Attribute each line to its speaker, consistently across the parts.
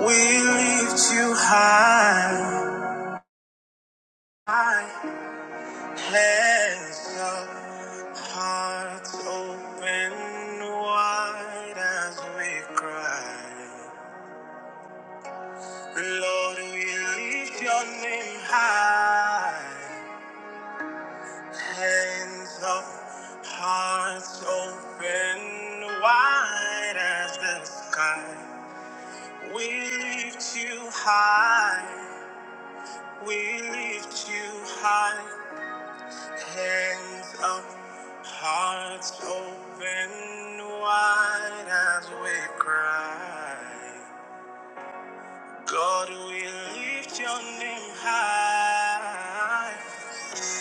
Speaker 1: We lift you high, hands up, hearts open wide as we cry. Lord, we lift your name high, hands up, hearts open wide as the sky. We lift you high, we lift you high. Hands up, hearts open wide as we cry. God, we lift your name high.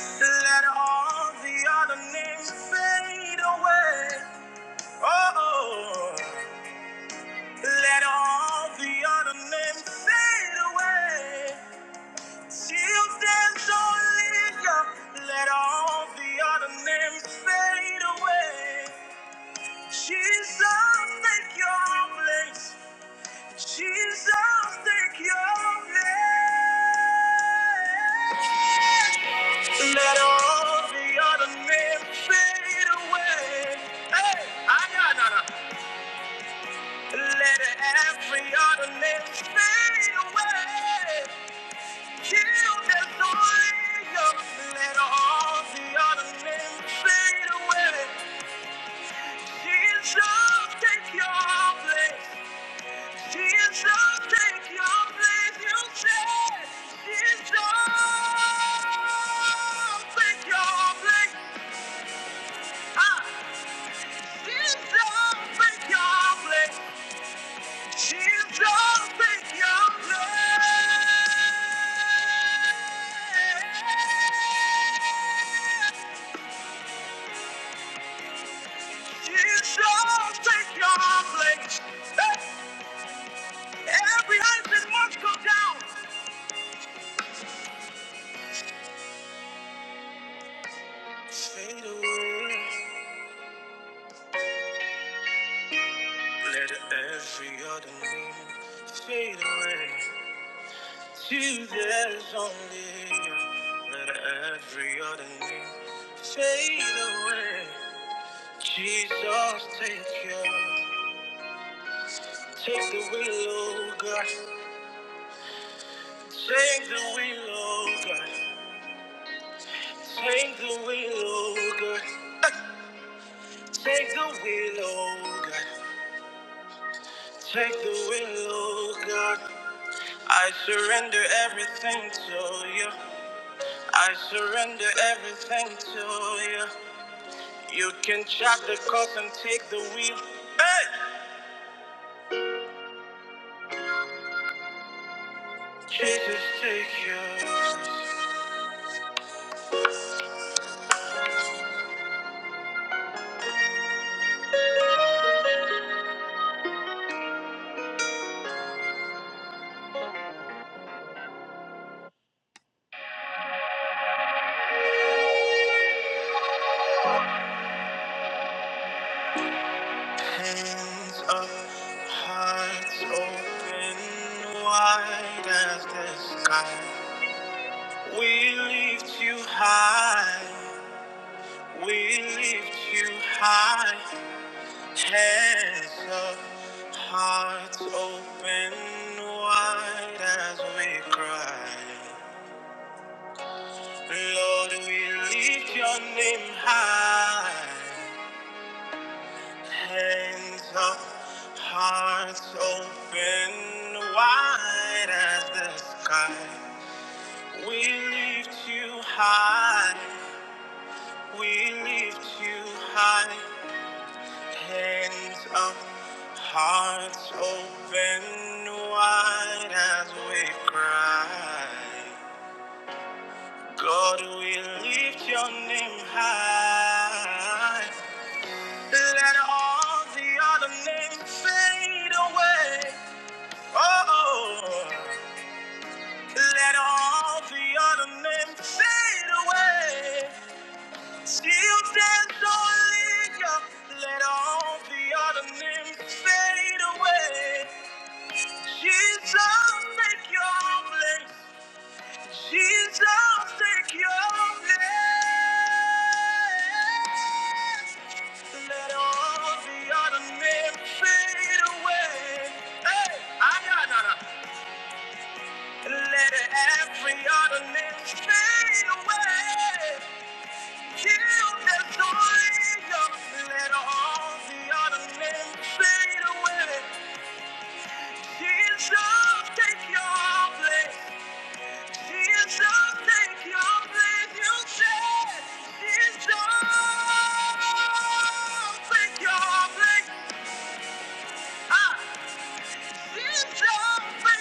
Speaker 1: Let all the other names fade away. Oh, let all the other names fade away. Till there's only you. Let all the other names fade away. Jesus, take your place. Jesus, take your place. Let all the other names fade away. Hey, I got none. Let every other name fade away. Till there's only you. Let all the other names fade away. Jesus, take your place. Jesus, take your place, you said. Jesus, take your place. Ah, Jesus, take your place. Jesus, take your place. Jesus, take your place. Eh, Every husband must go down. Fade away. Let every other name fade away to there's only you. Let every other name fade away. Jesus, take your, take the wheel, oh God. Take the wheel, oh God. Take the wheel, oh God. Take the wheel, oh God. Take the wheel, oh God. I surrender everything to you. I surrender everything to you. You can chop the cost and take the wheel. Hey! Jesus, take your hands up, hearts open wide as the sky. We lift you high, we lift you high. Hands up, hearts open wide as we cry. Lord, we lift your name high. Hands up, hearts open, wide as the sky. We lift you high. We lift you high. Hands up, hearts open, wide as we cry. God, we lift your name high. Let all the other names fade away. Oh, let all the other names fade away. Still stands only you. Let all the other names fade away. Jesus, take your place. Jesus, take your place. Let all of the other men fade away. Hey, I got none. Let every other man fade away. Kill that joy. Let all the other men fade away. Jesus, take your place. Jesus, take your place. You said, Jesus, take your place. Ah. Fade away, let every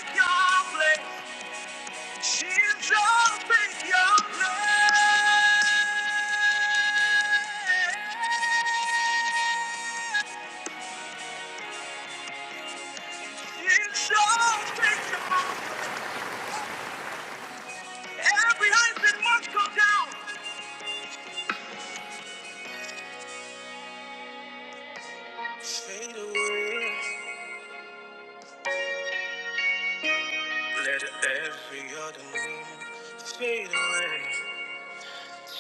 Speaker 1: other name fade away.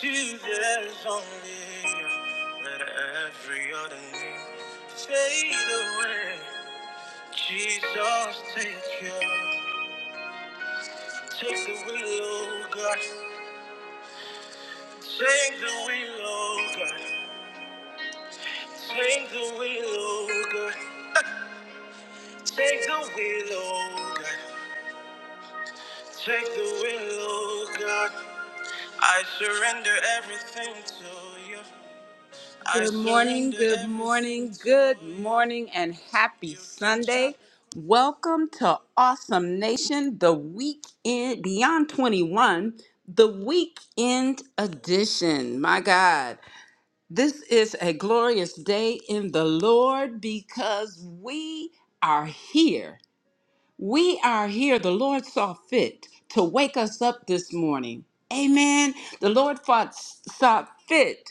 Speaker 1: Jesus only, let every other name fade away. Jesus, take your. Change the wheel, oh God. Change the wheel, oh God. Change the wheel, oh God. Change the wheel, oh God. Change the wheel, oh God. I surrender everything to you. I Good morning, surrender good morning, everything to good to you. morning, and happy Sunday. Welcome to Awesome Nation, the weekend beyond 21, the weekend edition. My God. This is a glorious day in the Lord because we are here. We are here. The Lord saw fit to wake us up this morning. Amen. The Lord fought, saw fit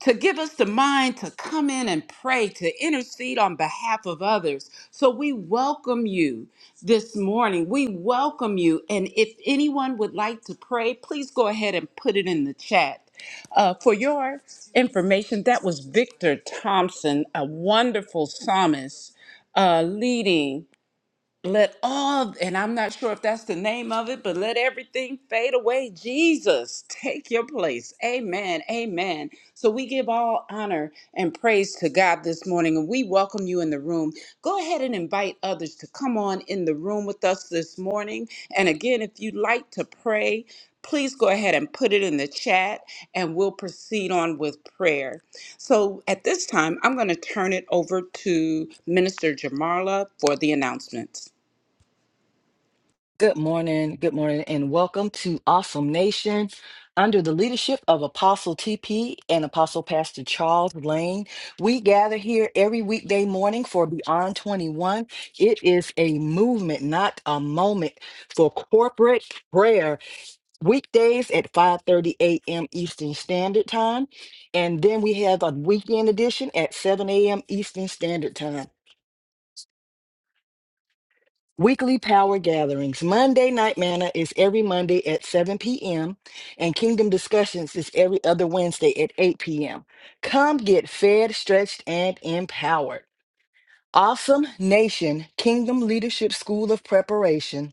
Speaker 1: to give us the mind to come in and pray, to intercede on behalf of others. So we welcome you this morning. We welcome you. And if anyone would like to pray, please go ahead and put it in the chat. Uh, for your information, that was Victor Thompson, a wonderful psalmist uh, leading let all and i'm not sure if that's the name of it but let everything fade away jesus take your place amen amen so we give all honor and praise to god this morning and we welcome you in the room go ahead and invite others to come on in the room with us this morning and again if you'd like to pray please go ahead and put it in the chat and we'll proceed on with prayer so at this time i'm going to turn it over to minister jamarla for the announcements
Speaker 2: Good morning, good morning, and welcome to Awesome Nation. Under the leadership of Apostle TP and Apostle Pastor Charles Lane, we gather here every weekday morning for Beyond 21. It is a movement, not a moment, for corporate prayer. Weekdays at 5:30 a.m. Eastern Standard Time, and then we have a weekend edition at 7 a.m. Eastern Standard Time. Weekly power gatherings. Monday Night Manna is every Monday at 7 p.m., and Kingdom Discussions is every other Wednesday at 8 p.m. Come get fed, stretched, and empowered. Awesome Nation Kingdom Leadership School of Preparation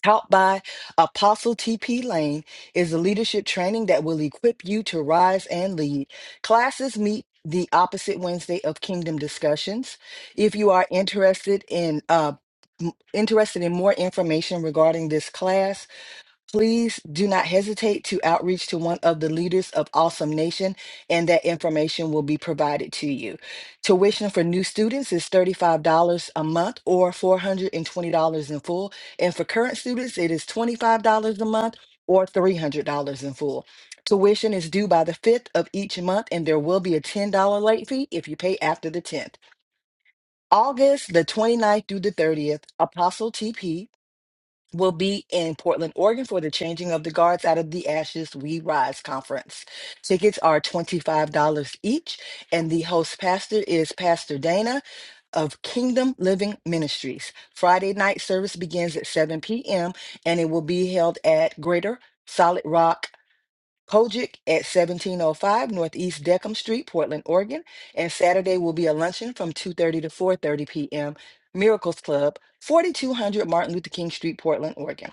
Speaker 2: taught by Apostle TP Lane is a leadership training that will equip you to rise and lead. Classes meet the opposite Wednesday of Kingdom discussions. If you are interested in uh, m- interested in more information regarding this class, Please do not hesitate to outreach to one of the leaders of Awesome Nation, and that information will be provided to you. Tuition for new students is $35 a month or $420 in full. And for current students, it is $25 a month or $300 in full. Tuition is due by the 5th of each month, and there will be a $10 late fee if you pay after the 10th. August the 29th through the 30th, Apostle TP will be in Portland, Oregon for the Changing of the Guards Out of the Ashes We Rise conference. Tickets are $25 each, and the host pastor is Pastor Dana of Kingdom Living Ministries. Friday night service begins at 7 p.m., and it will be held at Greater Solid Rock. Kojic at 1705 Northeast Deckham Street, Portland, Oregon, and Saturday will be a luncheon from 2:30 to 4:30 p.m. Miracles Club, 4200 Martin Luther King Street, Portland, Oregon.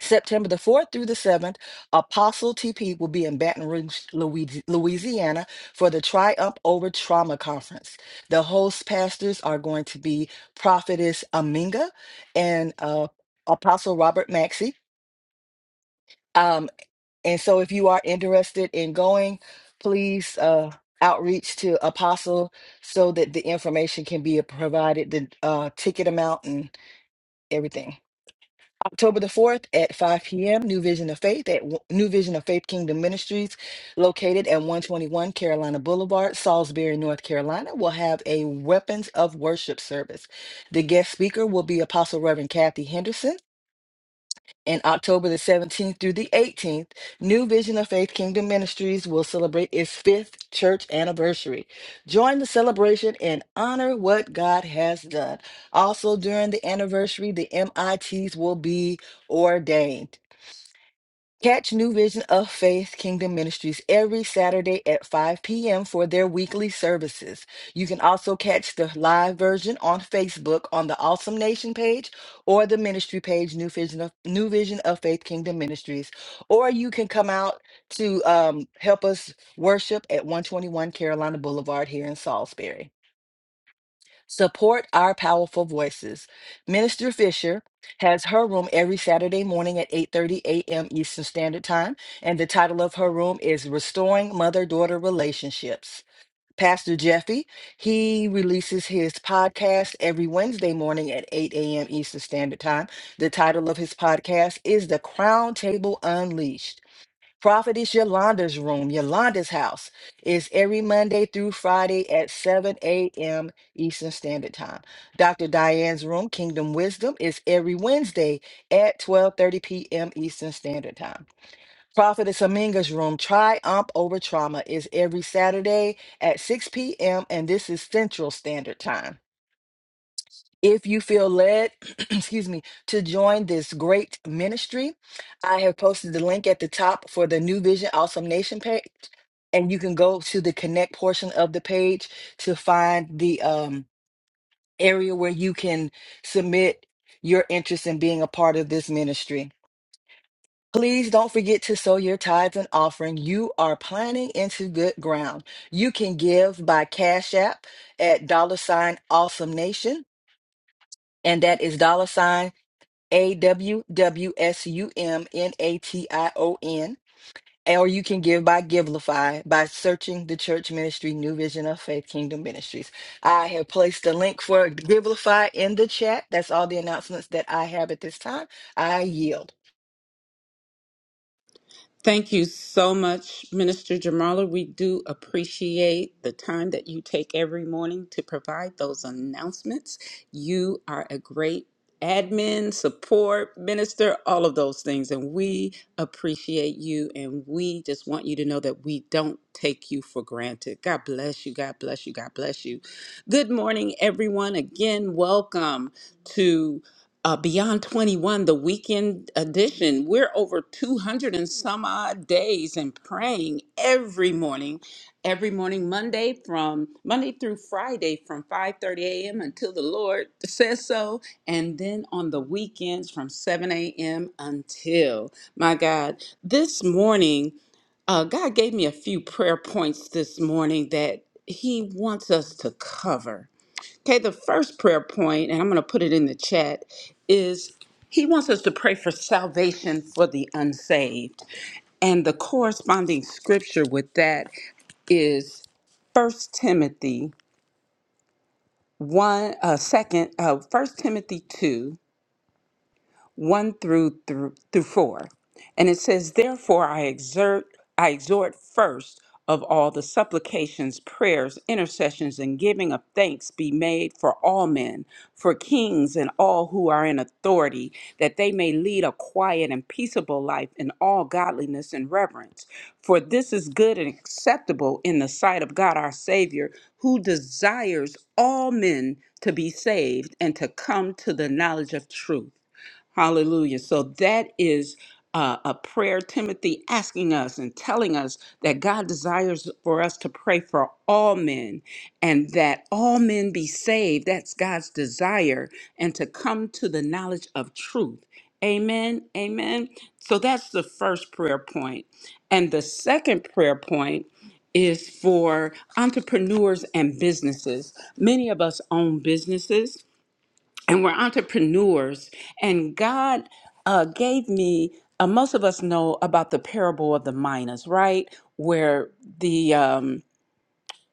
Speaker 2: September the 4th through the 7th, Apostle TP will be in Baton Rouge, Louis- Louisiana for the Triumph Over Trauma Conference. The host pastors are going to be Prophetess Aminga and uh, Apostle Robert Maxey. Um, and so if you are interested in going, please uh, outreach to Apostle so that the information can be provided, the uh, ticket amount and everything. October the 4th at 5 p.m., New Vision of Faith at w- New Vision of Faith Kingdom Ministries, located at 121 Carolina Boulevard, Salisbury, North Carolina, will have a Weapons of Worship service. The guest speaker will be Apostle Reverend Kathy Henderson. And October the 17th through the 18th, New Vision of Faith Kingdom Ministries will celebrate its fifth church anniversary. Join the celebration and honor what God has done. Also, during the anniversary, the MITs will be ordained. Catch New Vision of Faith Kingdom Ministries every Saturday at 5 p.m. for their weekly services. You can also catch the live version on Facebook on the Awesome Nation page or the ministry page, New Vision of, New Vision of Faith Kingdom Ministries. Or you can come out to um, help us worship at 121 Carolina Boulevard here in Salisbury. Support our powerful voices. Minister Fisher has her room every Saturday morning at 8:30 a.m. Eastern Standard Time, and the title of her room is Restoring Mother-Daughter Relationships. Pastor Jeffy, he releases his podcast every Wednesday morning at 8 a.m. Eastern Standard Time. The title of his podcast is The Crown Table Unleashed. Prophetess Yolanda's room, Yolanda's house, is every Monday through Friday at 7 a.m. Eastern Standard Time. Dr. Diane's room, Kingdom Wisdom, is every Wednesday at 12:30 p.m. Eastern Standard Time. Prophetess Aminga's room, Triumph Over Trauma, is every Saturday at 6 p.m. and this is Central Standard Time. If you feel led, excuse me, to join this great ministry, I have posted the link at the top for the New Vision Awesome Nation page. And you can go to the connect portion of the page to find the um, area where you can submit your interest in being a part of this ministry. Please don't forget to sow your tithes and offering. You are planting into good ground. You can give by Cash App at dollar sign awesome nation. And that is dollar sign. A W W S U M N A T I O N. Or you can give by Givelify by searching the church ministry, New Vision of Faith Kingdom Ministries. I have placed the link for Givelify in the chat. That's all the announcements that I have at this time. I yield.
Speaker 1: Thank you so much, Minister Jamala. We do appreciate the time that you take every morning to provide those announcements. You are a great admin, support, minister, all of those things. And we appreciate you. And we just want you to know that we don't take you for granted. God bless you. God bless you. God bless you. Good morning, everyone. Again, welcome to uh, Beyond 21, the weekend edition. We're over 200 and some odd days and praying every morning, every morning, Monday from Monday through Friday from 5:30 a.m. until the Lord says so, and then on the weekends from 7 a.m. until. My God, this morning, uh, God gave me a few prayer points this morning that He wants us to cover Okay, the first prayer point, and I'm going to put it in the chat, is he wants us to pray for salvation for the unsaved. And the corresponding scripture with that is First Timothy 1 uh 2nd uh 1 Timothy 2 1 through, through, through 4. And it says, Therefore I exert, I exhort first of all the supplications, prayers, intercessions, and giving of thanks be made for all men, for kings and all who are in authority, that they may lead a quiet and peaceable life in all godliness and reverence. For this is good and acceptable in the sight of God our Savior, who desires all men to be saved and to come to the knowledge of truth. Hallelujah. So that is uh, a prayer, Timothy asking us and telling us that God desires for us to pray for all men and that all men be saved. That's God's desire and to come to the knowledge of truth. Amen. Amen. So that's the first prayer point. And the second prayer point is for entrepreneurs and businesses. Many of us own businesses and we're entrepreneurs. And God uh, gave me, uh, most of us know about the parable of the miners, right? Where the um,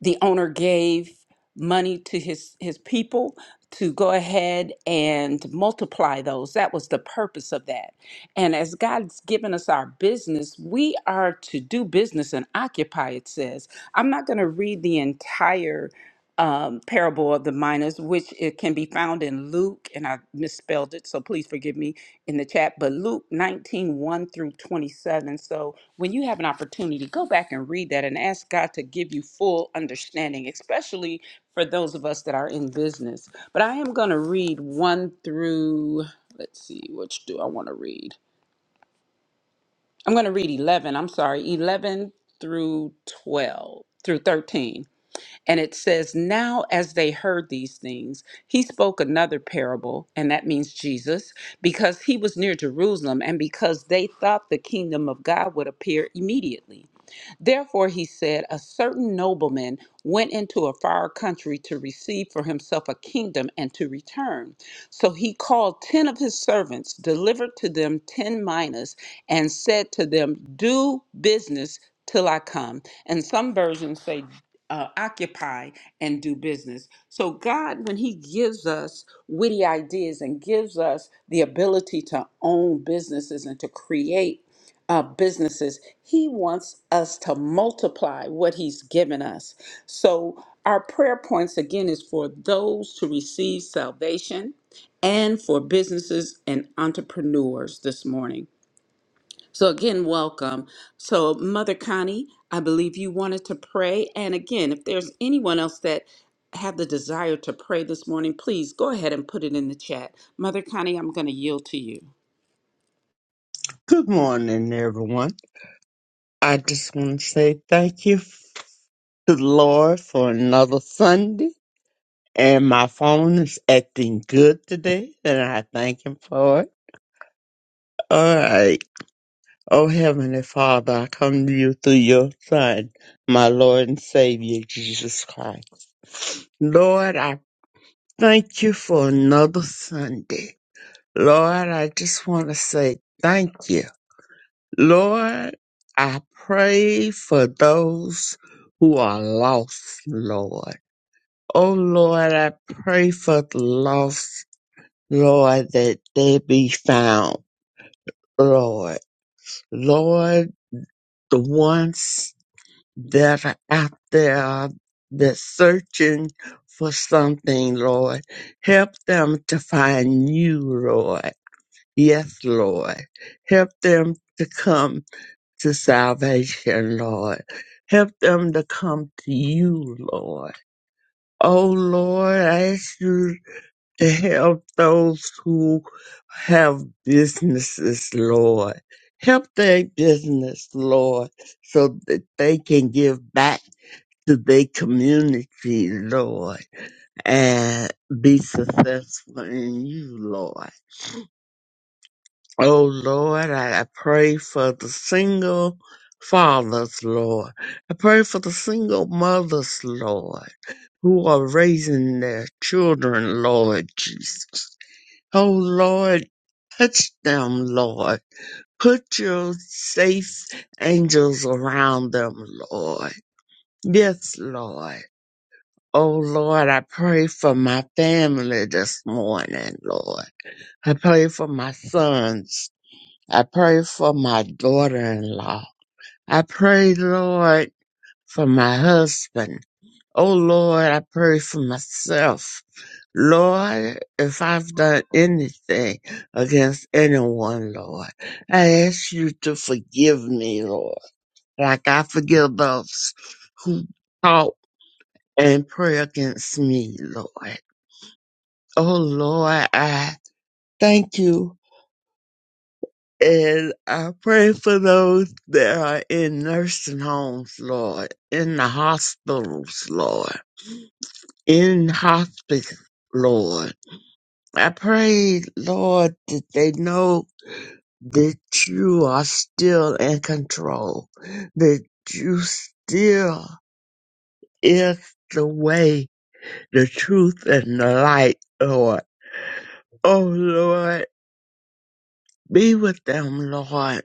Speaker 1: the owner gave money to his his people to go ahead and multiply those that was the purpose of that and as god's given us our business we are to do business and occupy it says i'm not going to read the entire um, parable of the miners which it can be found in luke and i misspelled it so please forgive me in the chat but luke 19 one through 27 so when you have an opportunity, go back and read that and ask God to give you full understanding, especially for those of us that are in business. But I am going to read 1 through, let's see, which do I want to read? I'm going to read 11, I'm sorry, 11 through 12, through 13. And it says, Now as they heard these things, he spoke another parable, and that means Jesus, because he was near Jerusalem and because they thought the kingdom of God would appear immediately. Therefore, he said, A certain nobleman went into a far country to receive for himself a kingdom and to return. So he called ten of his servants, delivered to them ten minas, and said to them, Do business till I come. And some versions say, uh, occupy and do business. So, God, when He gives us witty ideas and gives us the ability to own businesses and to create uh, businesses. He wants us to multiply what He's given us. So, our prayer points again is for those to receive salvation and for businesses and entrepreneurs this morning. So, again, welcome. So, Mother Connie, I believe you wanted to pray. And again, if there's anyone else that have the desire to pray this morning, please go ahead and put it in the chat. Mother Connie, I'm going to yield to you.
Speaker 3: Good morning, everyone. I just want to say thank you to the Lord for another Sunday. And my phone is acting good today, and I thank Him for it. All right. Oh, Heavenly Father, I come to you through your Son, my Lord and Savior, Jesus Christ. Lord, I thank you for another Sunday. Lord, I just want to say thank you. Lord, I pray for those who are lost, Lord. Oh Lord, I pray for the lost, Lord, that they be found, Lord. Lord, the ones that are out there that's searching for something, Lord, help them to find you, Lord. Yes, Lord. Help them to come to salvation, Lord. Help them to come to you, Lord. Oh, Lord, I ask you to help those who have businesses, Lord. Help their business, Lord, so that they can give back to their community, Lord, and be successful in you, Lord. Oh Lord, I, I pray for the single fathers, Lord. I pray for the single mothers, Lord, who are raising their children, Lord Jesus. Oh Lord, touch them, Lord. Put your safe angels around them, Lord. Yes, Lord. Oh Lord, I pray for my family this morning, Lord. I pray for my sons, I pray for my daughter in law. I pray, Lord, for my husband. Oh, Lord, I pray for myself. Lord, if I've done anything against anyone, Lord, I ask you to forgive me, Lord, like I forgive those who talk and pray against me, Lord. Oh, Lord, I thank you And I pray for those that are in nursing homes, Lord, in the hospitals, Lord, in hospice, Lord. I pray, Lord, that they know that you are still in control, that you still is the way, the truth, and the light, Lord. Oh, Lord, be with them, Lord.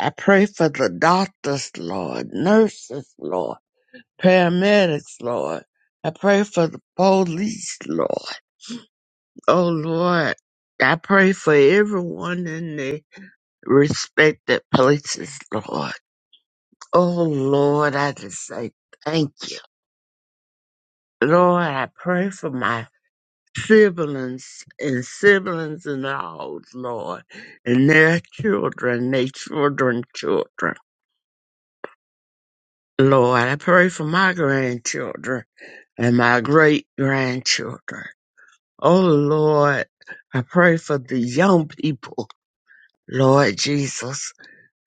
Speaker 3: I pray for the doctors, Lord, nurses, Lord paramedics, Lord. I pray for the police, Lord. Oh, Lord. I pray for everyone in the respected places, Lord. Oh, Lord, I just say thank you. Lord, I pray for my siblings and siblings in laws, Lord, and their children, their children, children. Lord, I pray for my grandchildren and my great grandchildren. Oh Lord, I pray for the young people, Lord Jesus.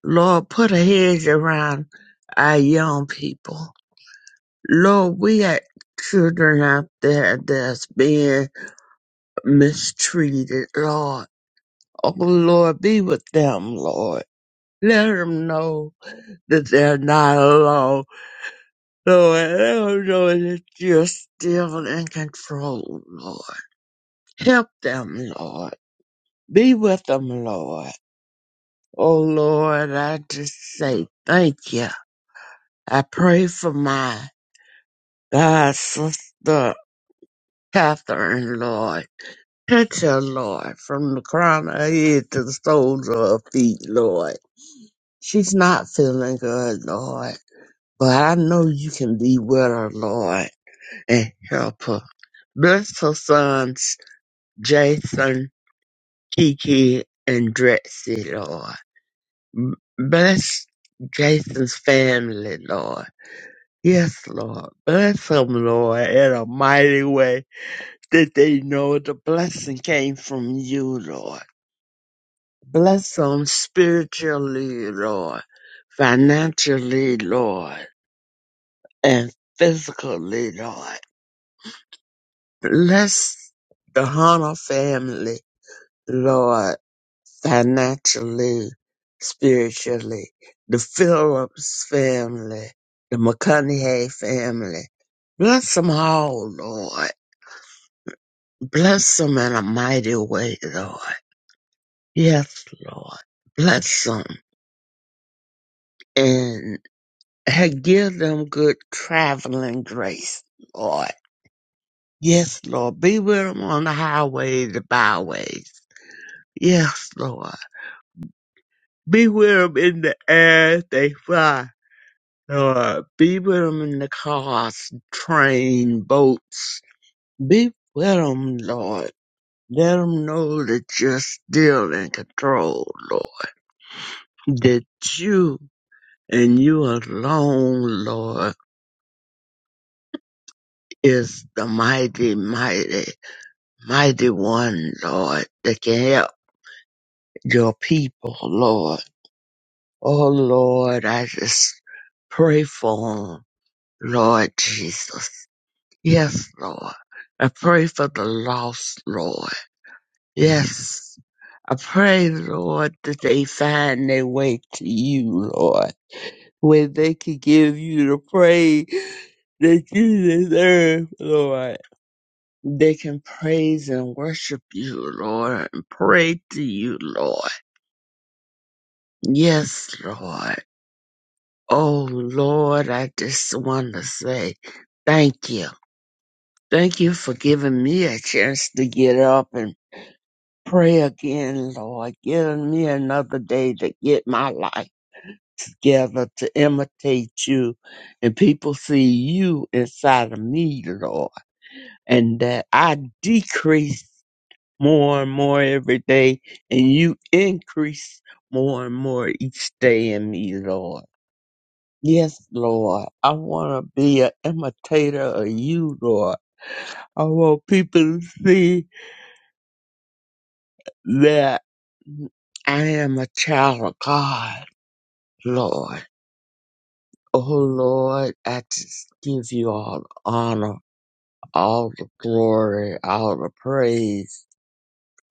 Speaker 3: Lord, put a hedge around our young people. Lord, we have children out there that's being mistreated, Lord. Oh Lord, be with them, Lord. Let them know that they're not alone. Lord, let them know that you're still in control, Lord. Help them, Lord. Be with them, Lord. Oh Lord, I just say thank you. I pray for my God sister Catherine, Lord. Touch her, Lord, from the crown of her head to the soles of her feet, Lord. She's not feeling good, Lord, but I know you can be with her, Lord, and help her. Bless her sons, Jason, Kiki, and Drexy, Lord. B- Bless Jason's family, Lord. Yes, Lord. Bless them, Lord, in a mighty way that they know the blessing came from you, Lord. Bless them spiritually, Lord, financially, Lord, and physically, Lord. Bless the Hunter family, Lord, financially, spiritually. The Phillips family, the McConaughey family. Bless them all, Lord Bless them in a mighty way, Lord. Yes, Lord. Bless them and ha- give them good traveling grace, Lord. Yes, Lord. Be with them on the highways, the byways. Yes, Lord. Be with them in the air as they fly, Lord. Be with them in the cars, train, boats. Be with them, Lord. Let them know that you're still in control, Lord. That you and you alone, Lord, is the mighty, mighty, mighty one, Lord, that can help your people, Lord. Oh, Lord, I just pray for 'em, Lord Jesus. Yes, Lord. I pray for the lost, Lord. Yes. I pray, Lord, that they find their way to you, Lord, where they can give you the praise that you deserve, Lord. They can praise and worship you, Lord, and pray to you, Lord. Yes, Lord. Oh, Lord, I just want to say thank you. Thank you for giving me a chance to get up and pray again, Lord. Giving me another day to get my life together to imitate you and people see you inside of me, Lord, and that I decrease more and more every day, and you increase more and more each day in me, Lord. Yes, Lord. I want to be an imitator of you, Lord. I want people to see that I am a child of God, Lord. Oh, Lord, I just give you all the honor, all the glory, all the praise.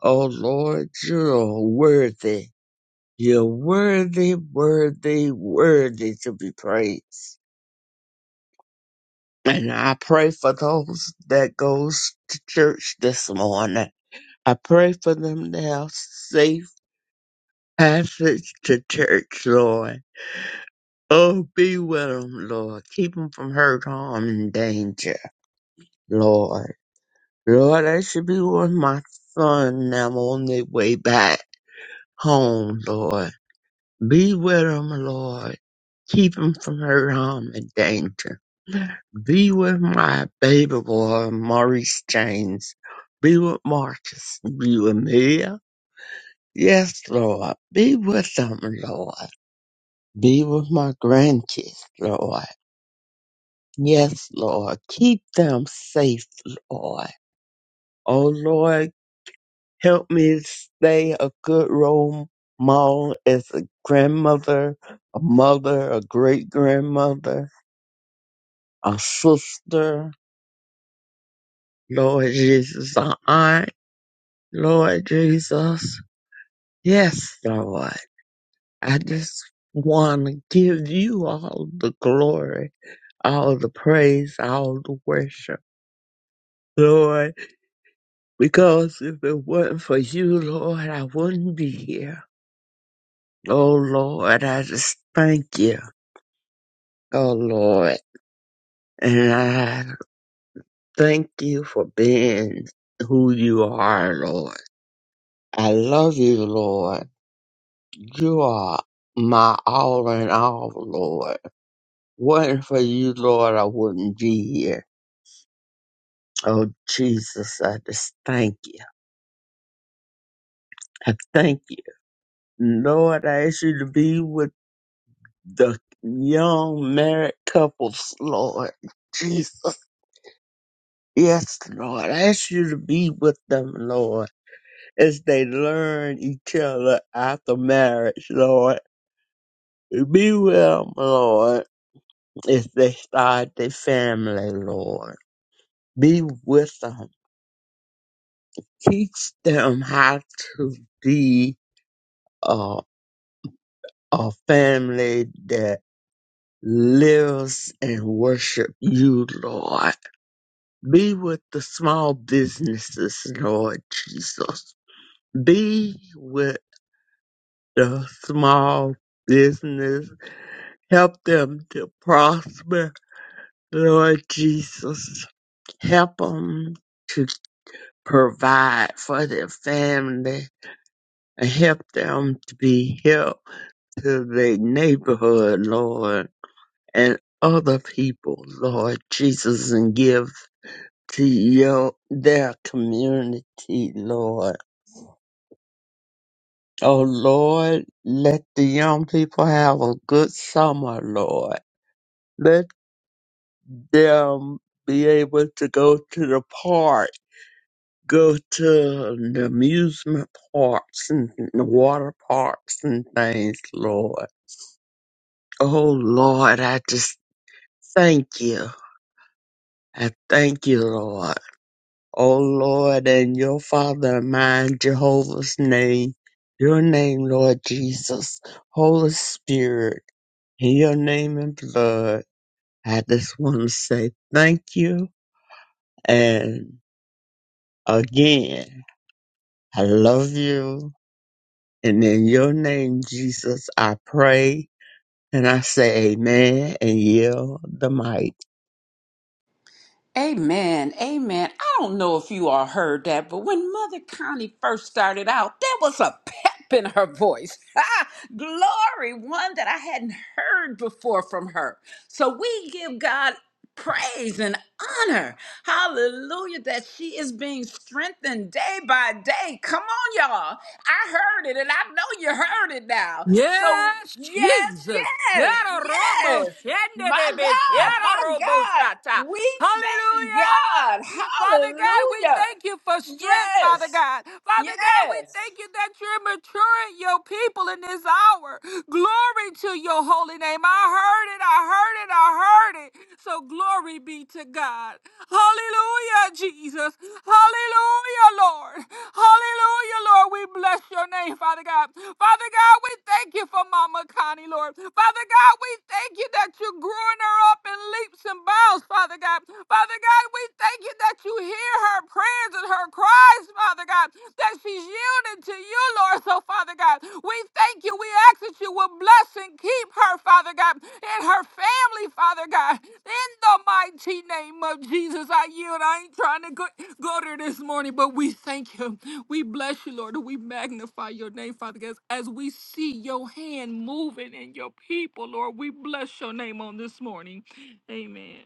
Speaker 3: Oh, Lord, you're worthy. You're worthy, worthy, worthy to be praised. And I pray for those that goes to church this morning. I pray for them to have safe passage to church, Lord. Oh, be with them, Lord. Keep them from hurt, harm, and danger, Lord. Lord, I should be with my son now on their way back home, Lord. Be with them, Lord. Keep them from hurt, harm, and danger. Be with my baby boy, Maurice James. Be with Marcus. Be with Mia. Yes, Lord. Be with them, Lord. Be with my grandkids, Lord. Yes, Lord. Keep them safe, Lord. Oh, Lord, help me stay a good role model as a grandmother, a mother, a great grandmother, a sister. Lord Jesus, an aunt. Lord Jesus. Yes, Lord. I just want to give you all the glory, all the praise, all the worship, Lord, because if it weren't for you, Lord, I wouldn't be here. Oh, Lord, I just thank you. Oh, Lord. And I thank you for being who you are, Lord. I love you, Lord. You are my all in all, Lord. Wasn't for you, Lord, I wouldn't be here. Oh, Jesus, I just thank you. I thank you. Lord, I ask you to be with the young married couples, Lord. Jesus. Yes, Lord. I ask you to be with them, Lord, as they learn each other after marriage, Lord. Be with them, Lord, as they start their family, Lord. Be with them. Teach them how to be uh, a family that lives and worship you, Lord. Be with the small businesses, Lord Jesus. Be with the small business. Help them to prosper, Lord Jesus. Help them to provide for their family and help them to be help to the neighborhood, Lord. and other people, Lord Jesus, and give to your, their community, Lord. Oh Lord, let the young people have a good summer, Lord. Let them be able to go to the park, go to the amusement parks and the water parks and things, Lord. Oh Lord, I just thank you. I thank you, Lord. O Lord, and your Father and mine, Jehovah's name, your name, Lord Jesus, Holy Spirit, in your name and blood. I just want to say thank you. And again, I love you. And in your name, Jesus, I pray and I say amen and yield the mic.
Speaker 1: Amen. Amen. I don't know if you all heard that, but when Mother Connie first started out, there was a pep in her voice. Ah, Glory, one that I hadn't heard before from her. So we give God praise and honor. Hallelujah, that she is being strengthened day by day. Come on, y'all. I heard it, and I know you heard it now. So,
Speaker 4: Yes,
Speaker 1: yes,
Speaker 4: Jesus.
Speaker 1: yes,
Speaker 4: Quiero robo
Speaker 1: yes. My
Speaker 4: shendebe,
Speaker 1: God,
Speaker 4: quiero
Speaker 1: my
Speaker 4: robo
Speaker 1: God.
Speaker 4: shata.
Speaker 1: We thank God.
Speaker 4: Hallelujah. Father God, we
Speaker 1: Hallelujah.
Speaker 4: thank you for strength, Father
Speaker 1: Yes.
Speaker 4: God. Father God, we
Speaker 1: Yes.
Speaker 4: thank you that you're maturing your people in this hour. Glory to your holy name. I heard it, I heard it, I heard it. So glory be to God. Hallelujah, Jesus. Hallelujah, Lord. Hallelujah, Lord. We bless your name, Father God. Father God, we thank you for Mama Connie, Lord. Father God, we thank you that you're growing her up in leaps and bounds spouse, Father God. Father God, we thank you that you hear her prayers and her cries, Father God, that she's yielded to you, Lord. So, Father God, we thank you. We ask that you will bless and keep her, Father God, and her family, Father God. In the mighty name of Jesus, I yield. I ain't trying to go, go there this morning, but we thank you. We bless you, Lord, and we magnify your name, Father God, as we see your hand moving in your people, Lord. We bless your name on this morning. Amen.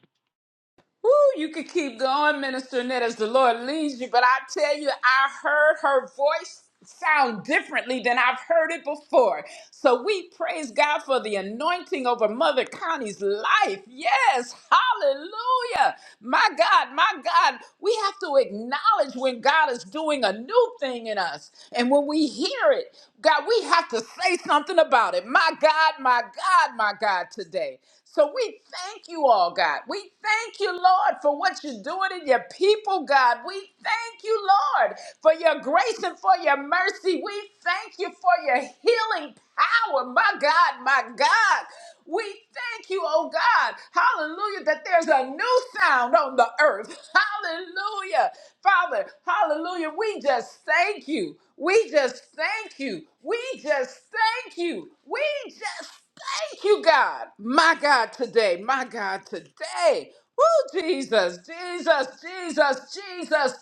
Speaker 1: Ooh, you could keep going, Minister Ned, as the Lord leads you. But I tell you, I heard her voice sound differently than I've heard it before. So we praise God for the anointing over Mother Connie's life. Yes, hallelujah. My God, my God, we have to acknowledge when God is doing a new thing in us. And when we hear it, God, we have to say something about it. My God, my God, my God, today. So we thank you all, God. We thank you, Lord, for what you're doing in your people, God. We thank you, Lord, for your grace and for your mercy. We thank you for your healing power, my God, my God. We thank you, oh God, hallelujah, that there's a new sound on the earth. Hallelujah. Father, hallelujah. We just thank you. We just thank you. We just thank you. We just Thank you, God. My God, today. My God, today. Woo, Jesus, Jesus, Jesus, Jesus,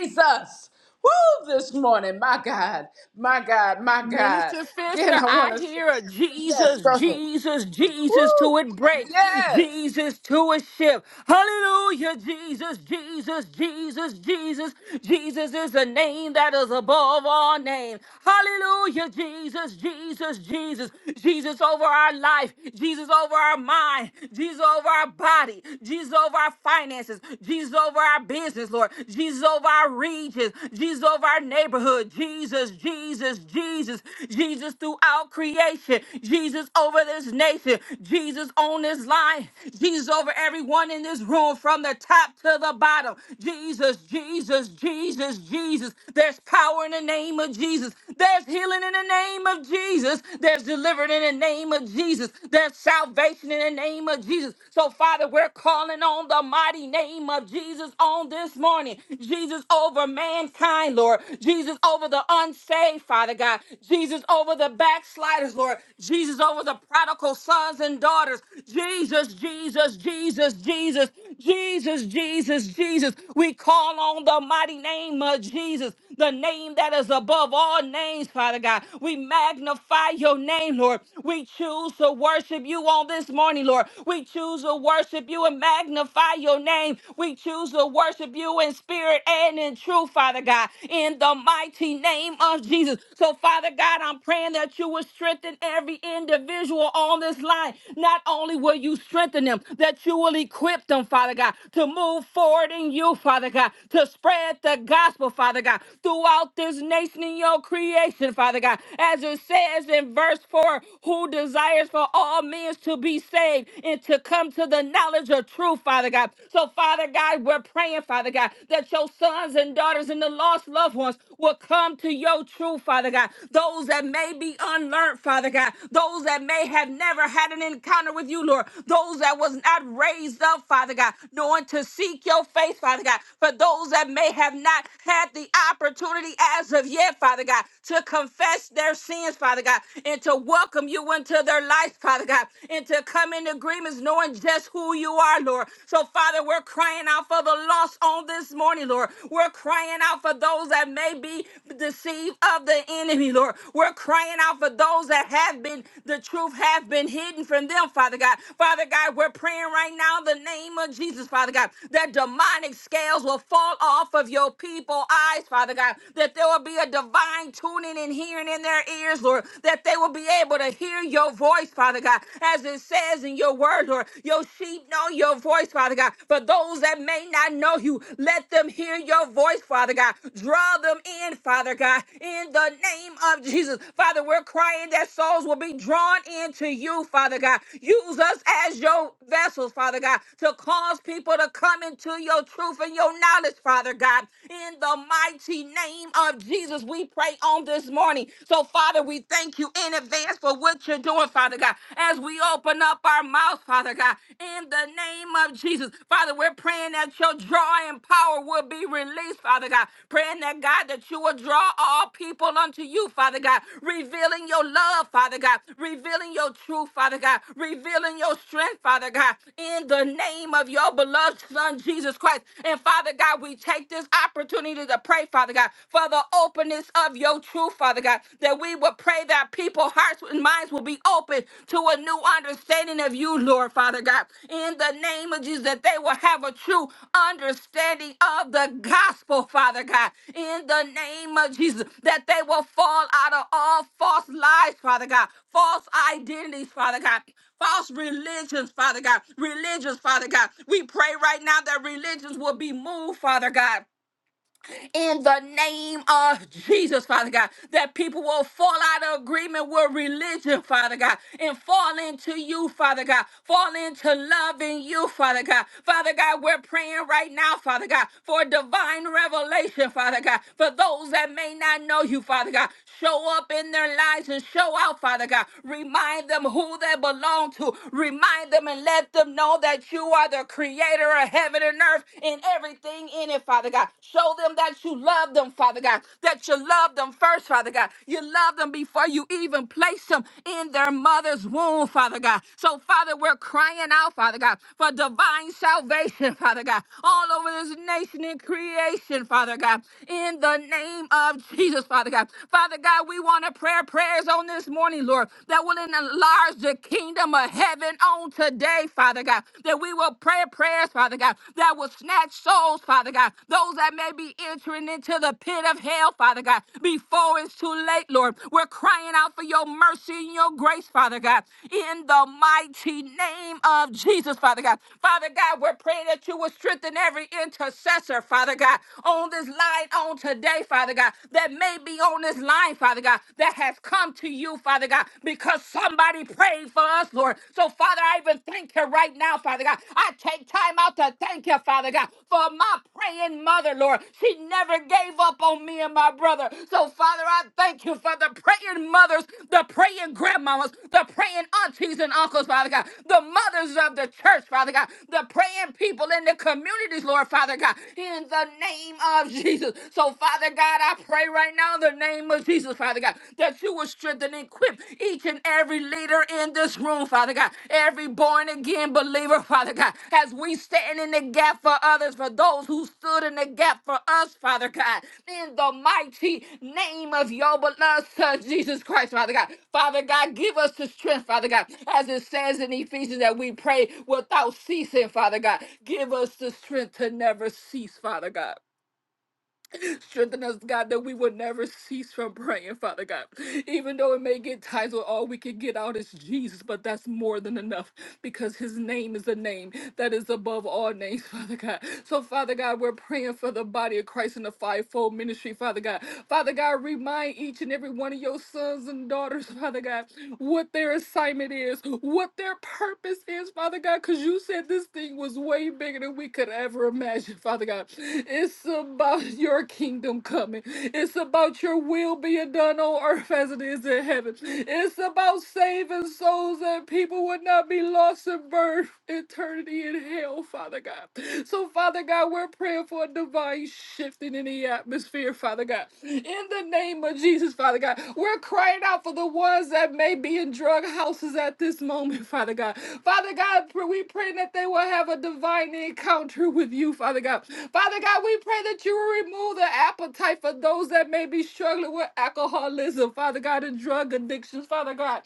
Speaker 1: Jesus. Woo, this morning. My God, my God, my God.
Speaker 4: Minister Fisher,
Speaker 1: Again, I
Speaker 4: I
Speaker 1: want to,
Speaker 4: hear a
Speaker 1: yes,
Speaker 4: Jesus,
Speaker 1: go ahead.
Speaker 4: Jesus, Jesus
Speaker 1: Woo,
Speaker 4: till it breaks,
Speaker 1: yes.
Speaker 4: Jesus to a ship. Hallelujah, Jesus, Jesus, Jesus, Jesus. Jesus is a name that is above all names. Hallelujah, Jesus, Jesus, Jesus. Jesus over our life, Jesus over our mind, Jesus over our body, Jesus over our finances, Jesus over our business, Lord, Jesus over our regions, Jesus over our neighborhoods neighborhood. Jesus, Jesus, Jesus, Jesus throughout creation. Jesus over this nation. Jesus on this line. Jesus over everyone in this room from the top to the bottom. Jesus, Jesus, Jesus, Jesus. There's power in the name of Jesus. There's healing in the name of Jesus. There's deliverance in the name of Jesus. There's salvation in the name of Jesus. So, Father, we're calling on the mighty name of Jesus on this morning. Jesus Jesus over mankind, Lord. Jesus over the unsaved, Father God. Jesus over the backsliders, Lord. Jesus over the prodigal sons and daughters. Jesus, Jesus, Jesus, Jesus, Jesus, Jesus, Jesus. We call on the mighty name of Jesus, the name that is above all names, Father God. We magnify your name, Lord. We choose to worship you on this morning, Lord. We choose to worship you and magnify your name. We we choose to worship you in spirit and in truth, Father God, in the mighty name of Jesus. So, Father God, I'm praying that you would strengthen every individual on this line. Not only will you strengthen them, that you will equip them, Father God, to move forward in you, Father God, to spread the gospel, Father God, throughout this nation in your creation, Father God. As it says in verse 4, who desires for all men to be saved and to come to the knowledge knowledge of truth, Father God. So, Father God, we're praying, Father God, that your sons and daughters and the lost loved ones will come to your truth, Father God. Those that may be unlearned, Father God. Those that may have never had an encounter with you, Lord. Those that was not raised up, Father God, knowing to seek your face, Father God. For those that may have not had the opportunity as of yet, Father God, to confess their sins, Father God, and to welcome you into their life, Father God, and and to come in agreements knowing just who you are, Lord. So, Father, we're crying out for the lost on this morning, Lord. We're crying out for those that may be deceived of the enemy, Lord. We're crying out for those that have been, the truth have been hidden from them, Father God. Father God, we're praying right now in the name of Jesus, Father God, that demonic scales will fall off of your people eyes, Father God, that there will be a divine tuning and hearing in their ears, Lord, that they will be able to able to hear your voice, Father God, as it says in your word, Lord, your sheep know your voice, Father God. For those that may not know you, let them hear your voice, Father God. Draw them in, Father God, in the name of Jesus. Father, we're crying that souls will be drawn into you, Father God. Use us as your vessels, Father God, to cause people to come into your truth and your knowledge, Father God. In the mighty name of Jesus, we pray on this morning so, Father, we thank you in advance for what you're doing, Father God. As we open up our mouths, Father God, in the name of Jesus, Father, we're praying that your drawing power will be released, Father God. Praying that, God, that you will draw all people unto you, Father God, revealing your love, Father God, revealing your truth, Father God, revealing your strength, Father God, in the name of your beloved Son, Jesus Christ. And, Father God, we take this opportunity to pray, Father God, for the of the openness of your truth, Father God, that we would pray that people's hearts and minds will be open to a new understanding of you, Lord, Father God, in the name of Jesus, that they will have a true understanding of the gospel, Father God, in the name of Jesus, that they will fall out of all false lies, Father God, false identities, Father God, false religions, Father God, religions, Father God. We pray right now that religions will be moved, Father God in the name of Jesus, Father God, that people will fall out of agreement with religion, Father God, and fall into you, Father God, fall into loving you, Father God. Father God, we're praying right now, Father God, for divine revelation, Father God, for those that may not know you, Father God. Show up in their lives and show out, Father God. Remind them who they belong to. Remind them and let them know that you are the creator of heaven and earth and everything in it, Father God. Show them that you love them, Father God. That you love them first, Father God. You love them before you even place them in their mother's womb, Father God. So, Father, we're crying out, Father God, for divine salvation, Father God, all over this nation and creation, Father God, in the name of Jesus. Jesus, Father God. Father God, we want to pray prayers on this morning, Lord, that will enlarge the kingdom of heaven on today, Father God. That we will pray prayers, Father God, that will snatch souls, Father God. Those that may be entering into the pit of hell, Father God, before it's too late, Lord. We're crying out for your mercy and your grace, Father God, in the mighty name of Jesus, Father God. Father God, we're praying that you will strengthen every intercessor, Father God, on this line on today, Father. Father God, that may be on this line, Father God, that has come to you, Father God, because somebody prayed for us, Lord. So, Father, I even thank you right now, Father God. I take time out to thank you, Father God, for my praying mother, Lord. She never gave up on me and my brother. So, Father, I thank you for the praying mothers, the praying grandmamas, the praying aunties and uncles, Father God, the mothers of the church, Father God, the praying people in the communities, Lord, Father God, in the name of Jesus. Jesus. So, Father God, I pray right now in the name of Jesus, Father God, that you will strengthen and equip each and every leader in this room, Father God, every born again believer, Father God, as we stand in the gap for others, for those who stood in the gap for us, Father God, in the mighty name of your beloved Son, Jesus Christ, Father God. Father God, give us the strength, Father God, as it says in Ephesians that we pray without ceasing, Father God. Give us the strength to never cease, Father God. Strengthen us, God, that we would never cease from praying, Father God. Even though it may get times where all we can get out is Jesus, but that's more than enough because his name is a name that is above all names, Father God. So, Father God, we're praying for the body of Christ in the fivefold ministry, Father God. Father God, remind each and every one of your sons and daughters, Father God, what their assignment is, is, what their purpose is, Father God, because you said this thing was way bigger than we could ever imagine, Father God. It's about your kingdom coming, it's about your will being done on earth as it is in heaven. It's about saving souls that people would not be lost in birth, eternity in hell, Father God. So, Father God, we're praying for a divine be shifting in the atmosphere, Father God. In the name of Jesus, Father God, we're crying out for the ones that may be in drug houses at this moment, Father God. Father God, pr- we pray that they will have a divine encounter with you, Father God. Father God, we pray that you will remove the appetite for those that may be struggling with alcoholism, Father God, and drug addictions, Father God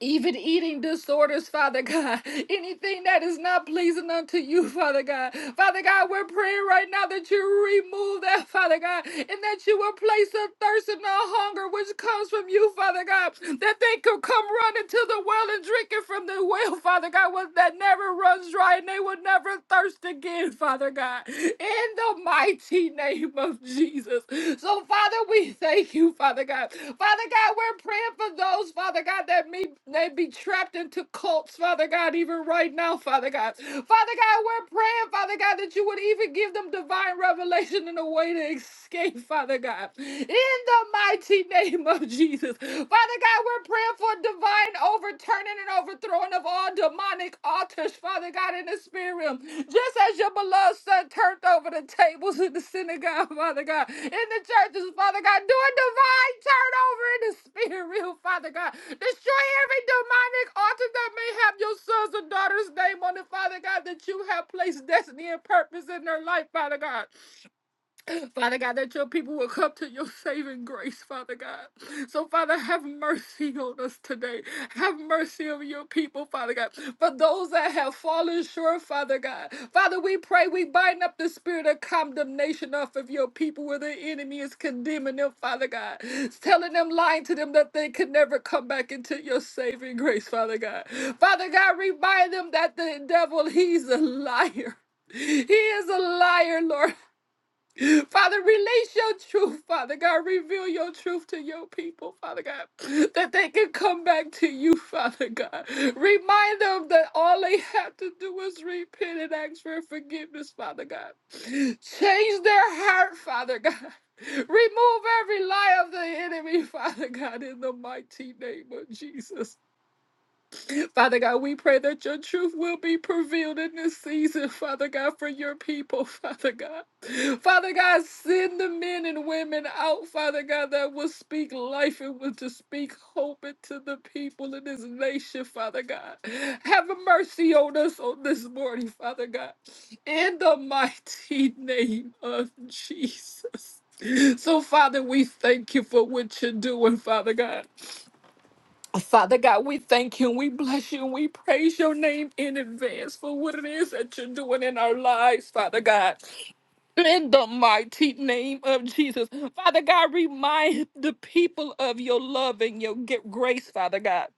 Speaker 4: even eating disorders, Father God, anything that is not pleasing unto you, Father God. Father God, we're praying right now that you remove that, Father God, and that you will place a thirst and a hunger which comes from you, Father God, that they could come running to the well and drinking from the well, Father God, was that never runs dry and they will never thirst again, Father God. In the mighty name of Jesus. So, Father, we thank you, Father God. Father God, we're praying for those, Father God, that may, may be trapped into cults, Father God, even right now, Father God. Father God, we're praying, Father God, that you would even give them divine revelation and a way to escape, Father God. In the mighty name of Jesus. Father God, we're praying for divine and overturning and overthrowing of all demonic altars, Father God, in the spirit realm. Just as your beloved son turned over the tables in the synagogue, Father God, in the churches, Father God, do a divine turnover in the spirit realm, Father God. Destroy every demonic altar that may have your sons and daughters' name on it, Father God, that you have placed destiny and purpose in their life, Father God. Father God, that your people will come to your saving grace, Father God. So, Father, have mercy on us today. Have mercy on your people, Father God. For those that have fallen short, Father God. Father, we pray we bind up the spirit of condemnation off of your people where the enemy is condemning them, Father God. Telling them, lying to them that they could never come back into your saving grace, Father God. Father God, remind them that the devil, he's a liar. He is a liar, Lord. Father, release your truth, Father God. Reveal your truth to your people, Father God, that they can come back to you, Father God. Remind them that all they have to do is repent and ask for forgiveness, Father God. Change their heart, Father God. Remove every lie of the enemy, Father God, in the mighty name of Jesus. Father God, we pray that your truth will be prevailed in this season, Father God, for your people, Father God. Father God, send the men and women out, Father God, that will speak life and will to speak hope into the people in this nation, Father God. Have mercy on us on this morning, Father God. In the mighty name of Jesus. So, Father, we thank you for what you're doing, Father God. Father God, we thank you and we bless you and we praise your name in advance for what it is that you're doing in our lives, Father God. In the mighty name of Jesus. Father God, remind the people of your love and your gi- grace, Father God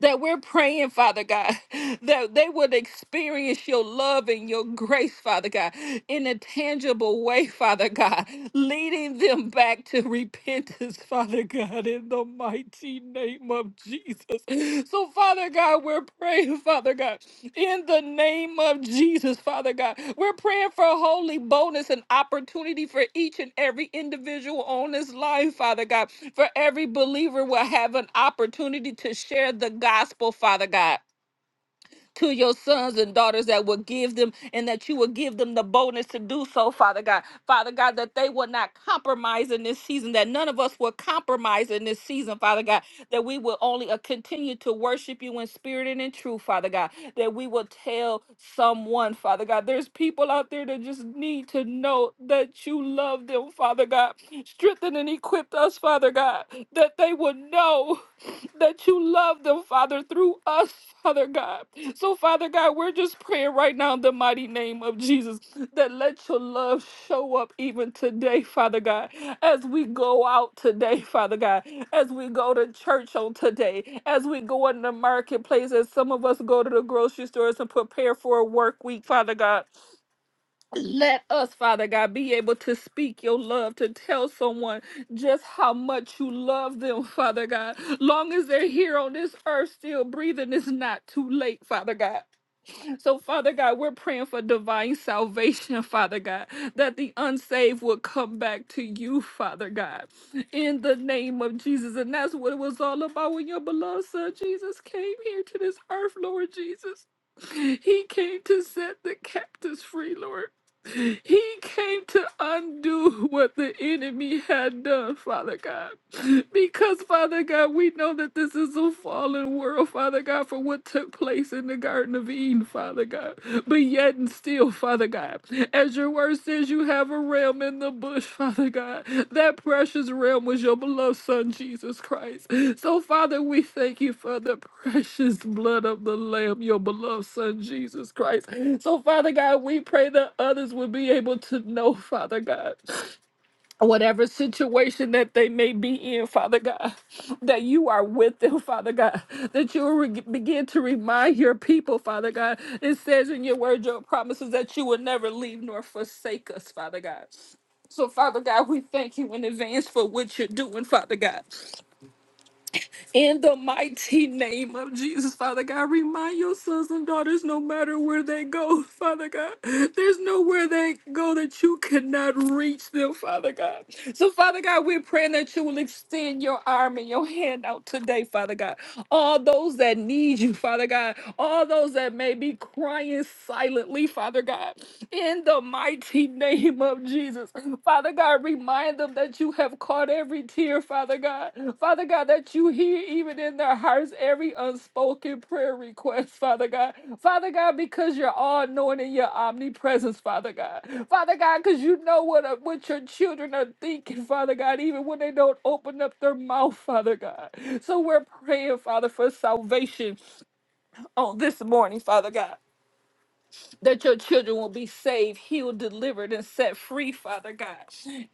Speaker 4: that we're praying, Father God, that they would experience your love and your grace, Father God, in a tangible way, Father God, leading them back to repentance, Father God, in the mighty name of Jesus. So, Father Father God, we're praying, Father God, in the name of Jesus, Father God. We're praying for holy bonus and opportunity for each and every individual on this line, Father God. For every believer will have an opportunity to share the gospel, Father God to your sons and daughters that will give them and that you will give them the boldness to do so, Father God. Father God, that they will not compromise in this season, that none of us will compromise in this season, Father God, that we will only uh, continue to worship you in spirit and in truth, Father God, that we will tell someone, Father God. There's people out there that just need to know that you love them, Father God. Strengthen and equip us, Father God, that they will know that you love them, Father, through us, Father God. So, Father God, we're just praying right now in the mighty name of Jesus that let your love show up even today, Father God, as we go out today, Father God, as we go to church on today, as we go in the marketplace, as some of us go to the grocery stores and prepare for a work week, Father God. Let us, Father God, be able to speak your love, to tell someone just how much you love them, Father God. Long as they're here on this earth still breathing, it's not too late, Father God. So, Father God, we're praying for divine salvation, Father God, that the unsaved will come back to you, Father God, in the name of Jesus. And that's what it was all about when your beloved Son Jesus came here to this earth, Lord Jesus. He came to set the captives free, Lord. He came to undo what the enemy had done, Father God. Because, Father God, we know that this is a fallen world, Father God, for what took place in the Garden of Eden, Father God. But yet and still, Father God, as your word says, you have have a realm in the bush, Father God. That precious realm was your beloved Son, Jesus Christ. So, Father, we thank you for the precious blood of the Lamb, your beloved Son, Jesus Christ. So, Father God, we pray that others will be able to know, Father God whatever situation that they may be in, Father God, that you are with them, Father God, that you will re- begin to remind your people, Father God. It says in your word, your promises that you will never leave nor forsake us, Father God. So, Father God, we thank you in advance for what you're doing, Father God. In the mighty name of Jesus, Father God, remind your sons and daughters, no matter where they go, Father God, there's nowhere they go that you cannot reach them, Father God. So, Father God, we're praying that you will extend your arm and your hand out today, Father God. All those that need you, Father God, all those that may be crying silently, Father God, in the mighty name of Jesus. Father God, remind them that you have caught every tear, Father God. Father God, that you hear even in their hearts every unspoken prayer request, Father God. Father God, because you're all knowing in your omnipresence, Father God. Father God, because you know what, uh, what your children are thinking, Father God, even when they don't open up their mouth, Father God. So we're praying, Father, for salvation on this morning, Father God that your children will be saved, healed, delivered, and set free, Father God,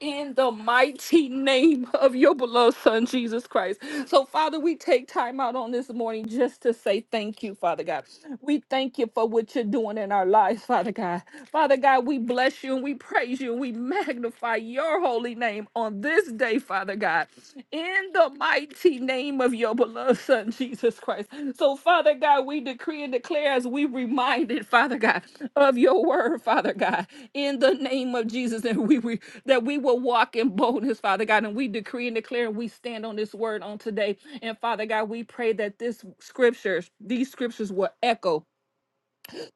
Speaker 4: in the mighty name of your beloved Son, Jesus Christ. So, Father, we take time out on this morning just to say thank you, Father God. We thank you for what you're doing in our lives, Father God. Father God, we bless you and we praise you and we magnify your holy name on this day, Father Father God, in the mighty name of your beloved Son, Jesus Christ. So, Father God, we decree and declare as we reminded, Father God, of your word, Father God, in the name of Jesus, that we, we that we will walk in boldness, Father God, and we decree and declare and we stand on this word on today. And Father God, we pray that this scriptures, these scriptures will echo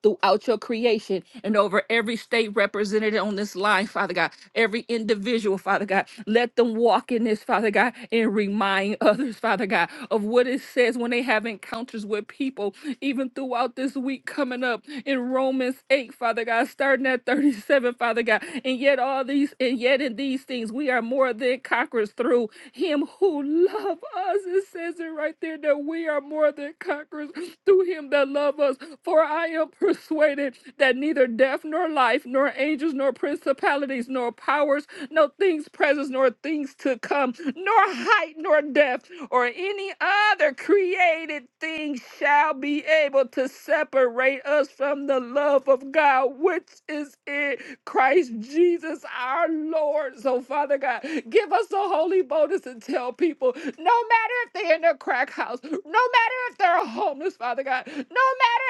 Speaker 4: throughout your creation and over every state represented on this line, Father God, every individual, Father God. Let them walk in this, Father God, and remind others, Father God, of what it says when they have encounters with people, even throughout this week coming up in Romans 8, Father God, starting at 37, Father God. And yet, all these, and yet in these things, we are more than conquerors through Him him who loved us. It says it right there that we are more than conquerors through him that loved us. For I am persuaded that neither death nor life, nor angels, nor principalities, nor powers, no things present, nor things to come, nor height, nor depth, or any other created thing shall be able to separate us from the love of God God, which is in Christ Jesus our Lord. So, Father God, give us a holy boldness and tell people no matter if they're in a crack house, no matter if they're homeless, Father God, no matter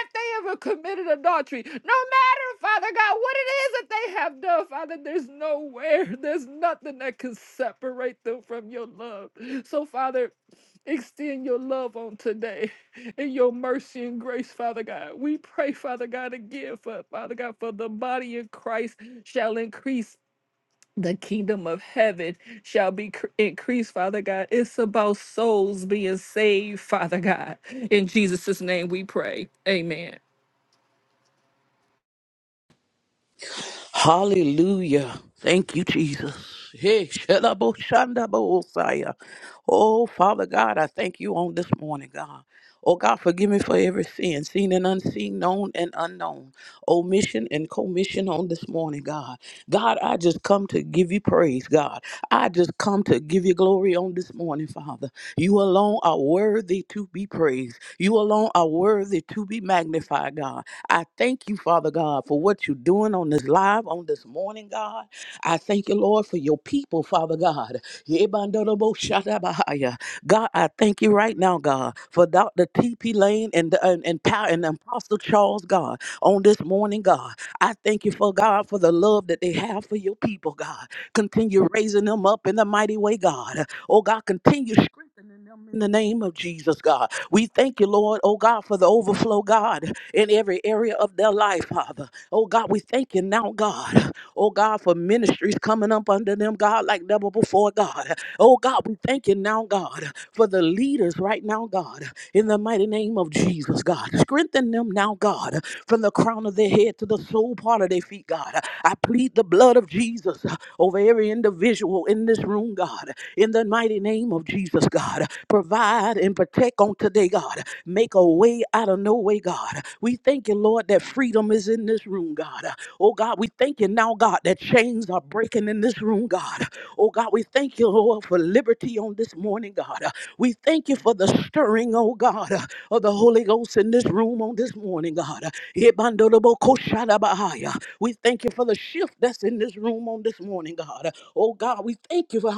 Speaker 4: if they ever committed adultery, no matter, Father God, what it is that they have done, Father, there's nowhere, there's nothing that can separate them from your love. So, Father, extend your love on today in your mercy and grace, Father God. We pray, Father God, again for Father God, for the body of Christ shall increase. The kingdom of heaven shall be cr- increased, Father God. It's about souls being saved, Father God. In Jesus' name we pray. Amen.
Speaker 5: Hallelujah. Thank you, Jesus. Hey, shalabo shandabo osaya. Oh, Father God, I thank you on this morning, God. Oh, God, forgive me for every sin, seen and unseen, known and unknown, omission and commission on this morning, God. God, I just come to give you praise, God. I just come to give you glory on this morning, Father. You alone are worthy to be praised. You alone are worthy to be magnified, God. I thank you, Father God, for what you're doing on this live on this morning, God. I thank you, Lord, for your people, Father God. Yebandoroboshadabahaya. God, I thank you right now, God, for Dr. T.P. Lane and, the- and, and, Pa- and Apostle Charles, God, on this morning, God. I thank you for God for the love that they have for your people, God. Continue raising them up in the mighty way, God. Oh God, continue strengthening them in the name of Jesus, God. We thank you, Lord, oh God, for the overflow, God in every area of their life, Father. Oh God, we thank you now, God. Oh God, for ministries coming up under them, God, like never before, God. Oh God, we thank you now, God, for the leaders right now, God, in the mighty name of Jesus, God. Strengthen them now, God, from the crown of their head to the sole part of their feet, God. I plead the blood of Jesus over every individual in this room, God, in the mighty name of Jesus, God. Provide and protect on today, God. Make a way out of no way, God. We thank you, Lord, that freedom is in this room, God. Oh, God, we thank you now, God, that chains are breaking in this room, God. Oh, God, we thank you, Lord, for liberty on this morning, God. We thank you for the stirring, oh, God, of the Holy Ghost in this room on this morning, God. Ebandolobokoshadabahaya. We thank you for the shift that's in this room on this morning, God. Oh, God, we thank you for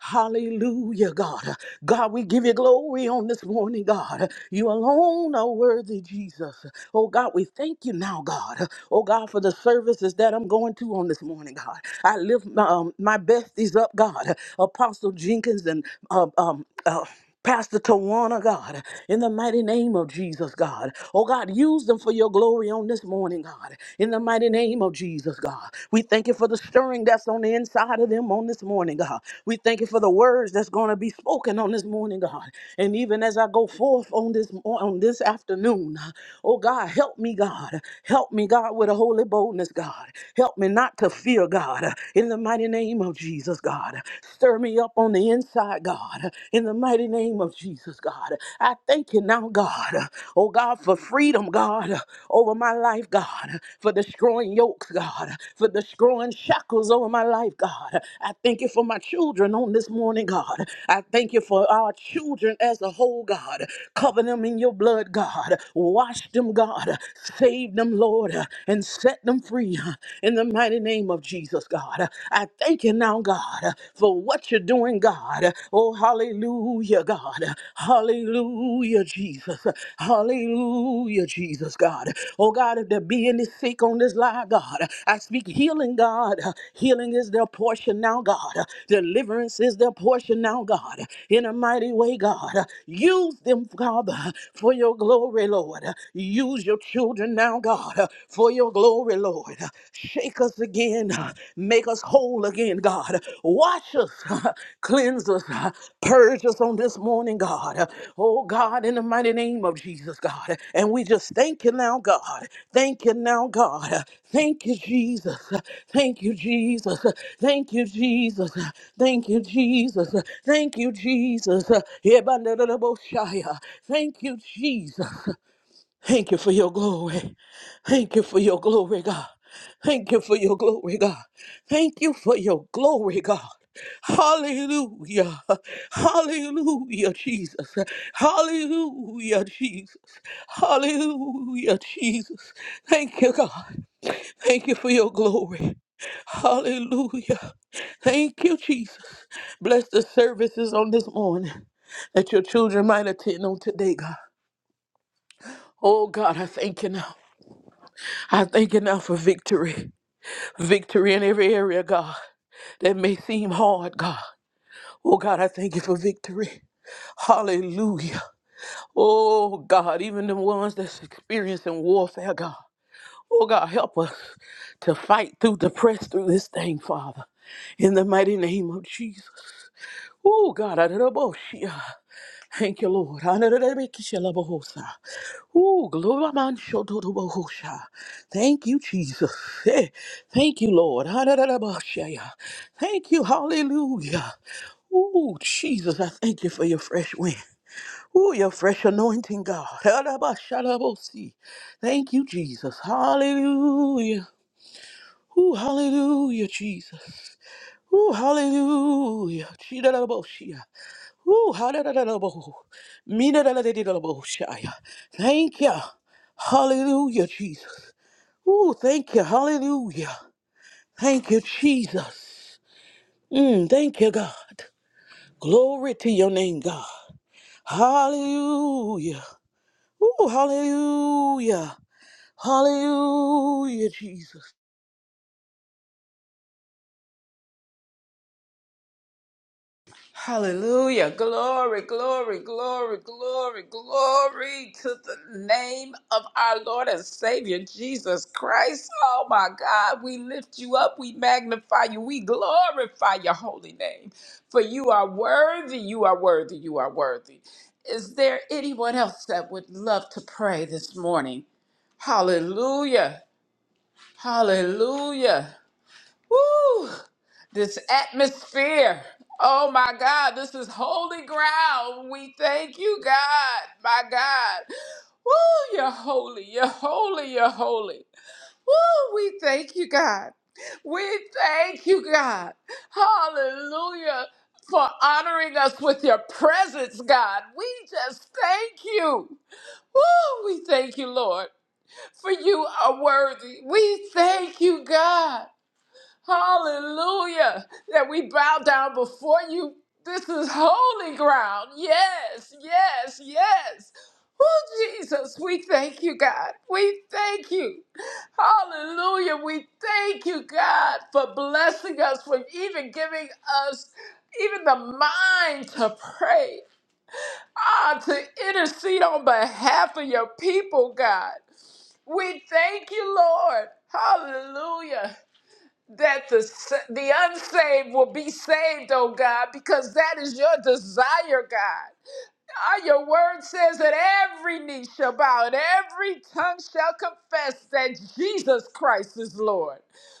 Speaker 5: hallelujah, God. God, we give you glory on this morning, God. You alone are worthy, Jesus. Oh God, we thank you now, God. Oh God, for the services that I'm going to on this morning, God. I lift my, um, my besties up, God. Apostle Jenkins and um, um, uh, Pastor Tawana, God, in the mighty name of Jesus, God. Oh, God, use them for your glory on this morning, God, in the mighty name of Jesus, God. We thank you for the stirring that's on the inside of them on this morning, God. We thank you for the words that's going to be spoken on this morning, God. And even as I go forth on this on this afternoon, Oh God, help me, God. Help me, God, with a holy boldness, God. Help me not to fear, God, in the mighty name of Jesus, God. Stir me up on the inside, God, in the mighty name of Jesus, God. I thank you now, God. Oh God, for freedom, God, over my life, God, for destroying yokes, God, for destroying shackles over my life, God. I thank you for my children on this morning, God. I thank you for our children as a whole, God. Cover them in your blood, God. Wash them, God. Save them, Lord, and set them free in the mighty name of Jesus, God. I thank you now, God, for what you're doing, God. Oh, hallelujah, God. Hallelujah, Jesus. Hallelujah, Jesus, God. Oh, God, if there be any sick on this line, God, I speak healing, God. Healing is their portion now, God. Deliverance is their portion now, God. In a mighty way, God. Use them, Father, for your glory, Lord. Lord. Use your children now, God, for your glory, Lord. Shake us again. Make us whole again, God. Wash us, cleanse us, purge us on this morning, God. Oh, God, in the mighty name of Jesus, God. And we just thank you now, God. Thank you now, God. Thank you, Jesus. Thank you, Jesus. Thank you, Jesus. Thank you, Jesus. Thank you, Jesus. Thank you, Jesus. Thank you, Jesus. Thank you for your glory. Thank you for your glory, God. Thank you for your glory, God. Thank you for your glory, God. Hallelujah. Hallelujah, Jesus. Hallelujah, Jesus. Hallelujah, Jesus. Thank you, God. Thank you for your glory. Hallelujah. Thank you, Jesus. Bless the services on this morning that your children might attend on today, God. Oh, God, I thank you now. I thank you now for victory. Victory in every area, God, that may seem hard, God. Oh, God, I thank you for victory. Hallelujah. Oh, God, even the ones that's experiencing warfare, God. Oh, God, help us to fight through, to press through this thing, Father. In the mighty name of Jesus. Oh, God, I don't know. Thank you, Lord. Anarabekishelabohosa. Ooh, gloramanchododobohosha. Thank you, Jesus. Eh, Thank you, Lord. Anarabashaya. Thank you, hallelujah. Ooh, Jesus, I thank you for your fresh wind. Ooh, your fresh anointing, God. Anarabashalabosi. Thank you, Jesus. Hallelujah. Ooh, hallelujah, Jesus. Ooh, hallelujah. Chidalaboshia. Ooh, hallelujah. Minadadadadadadaboshia. Thank you. Hallelujah, Jesus. Ooh, thank you. Hallelujah. Thank you, Jesus. Mm, thank you, God. Glory to your name, God. Hallelujah. Ooh, hallelujah. Hallelujah, Jesus.
Speaker 1: Hallelujah. Glory, glory, glory, glory, glory to the name of our Lord and Savior Jesus Christ. Oh my God, we lift you up, we magnify you, we glorify your holy name. For you are worthy, you are worthy, you are worthy. Is there anyone else that would love to pray this morning? Hallelujah. Hallelujah. Woo! This atmosphere. Oh my God, this is holy ground. We thank you, God. My God. Woo, you're holy. You're holy. You're holy. Woo, we thank you, God. We thank you, God. Hallelujah. For honoring us with your presence, God. We just thank you. Woo, we thank you, Lord, for you are worthy. We thank you, God. Hallelujah. That we bow down before you. This is holy ground. Yes, yes, yes. Oh, Jesus, we thank you, God. We thank you. Hallelujah. We thank you, God, for blessing us, for even giving us even the mind to pray, ah, to intercede on behalf of your people, God. We thank you, Lord. Hallelujah that the, sa- the unsaved will be saved, oh God, because that is your desire, God. God, your word says that every knee shall bow and every tongue shall confess that Jesus Christ is Lord.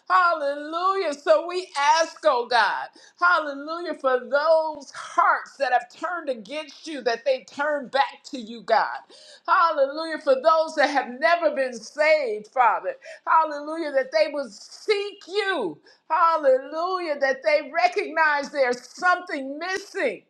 Speaker 1: Hallelujah. So we ask, oh God, hallelujah, for those hearts that have turned against you, that they turn back to you, God. Hallelujah. For those that have never been saved, Father. Hallelujah. That they would seek you. Hallelujah. That they recognize there's something missing.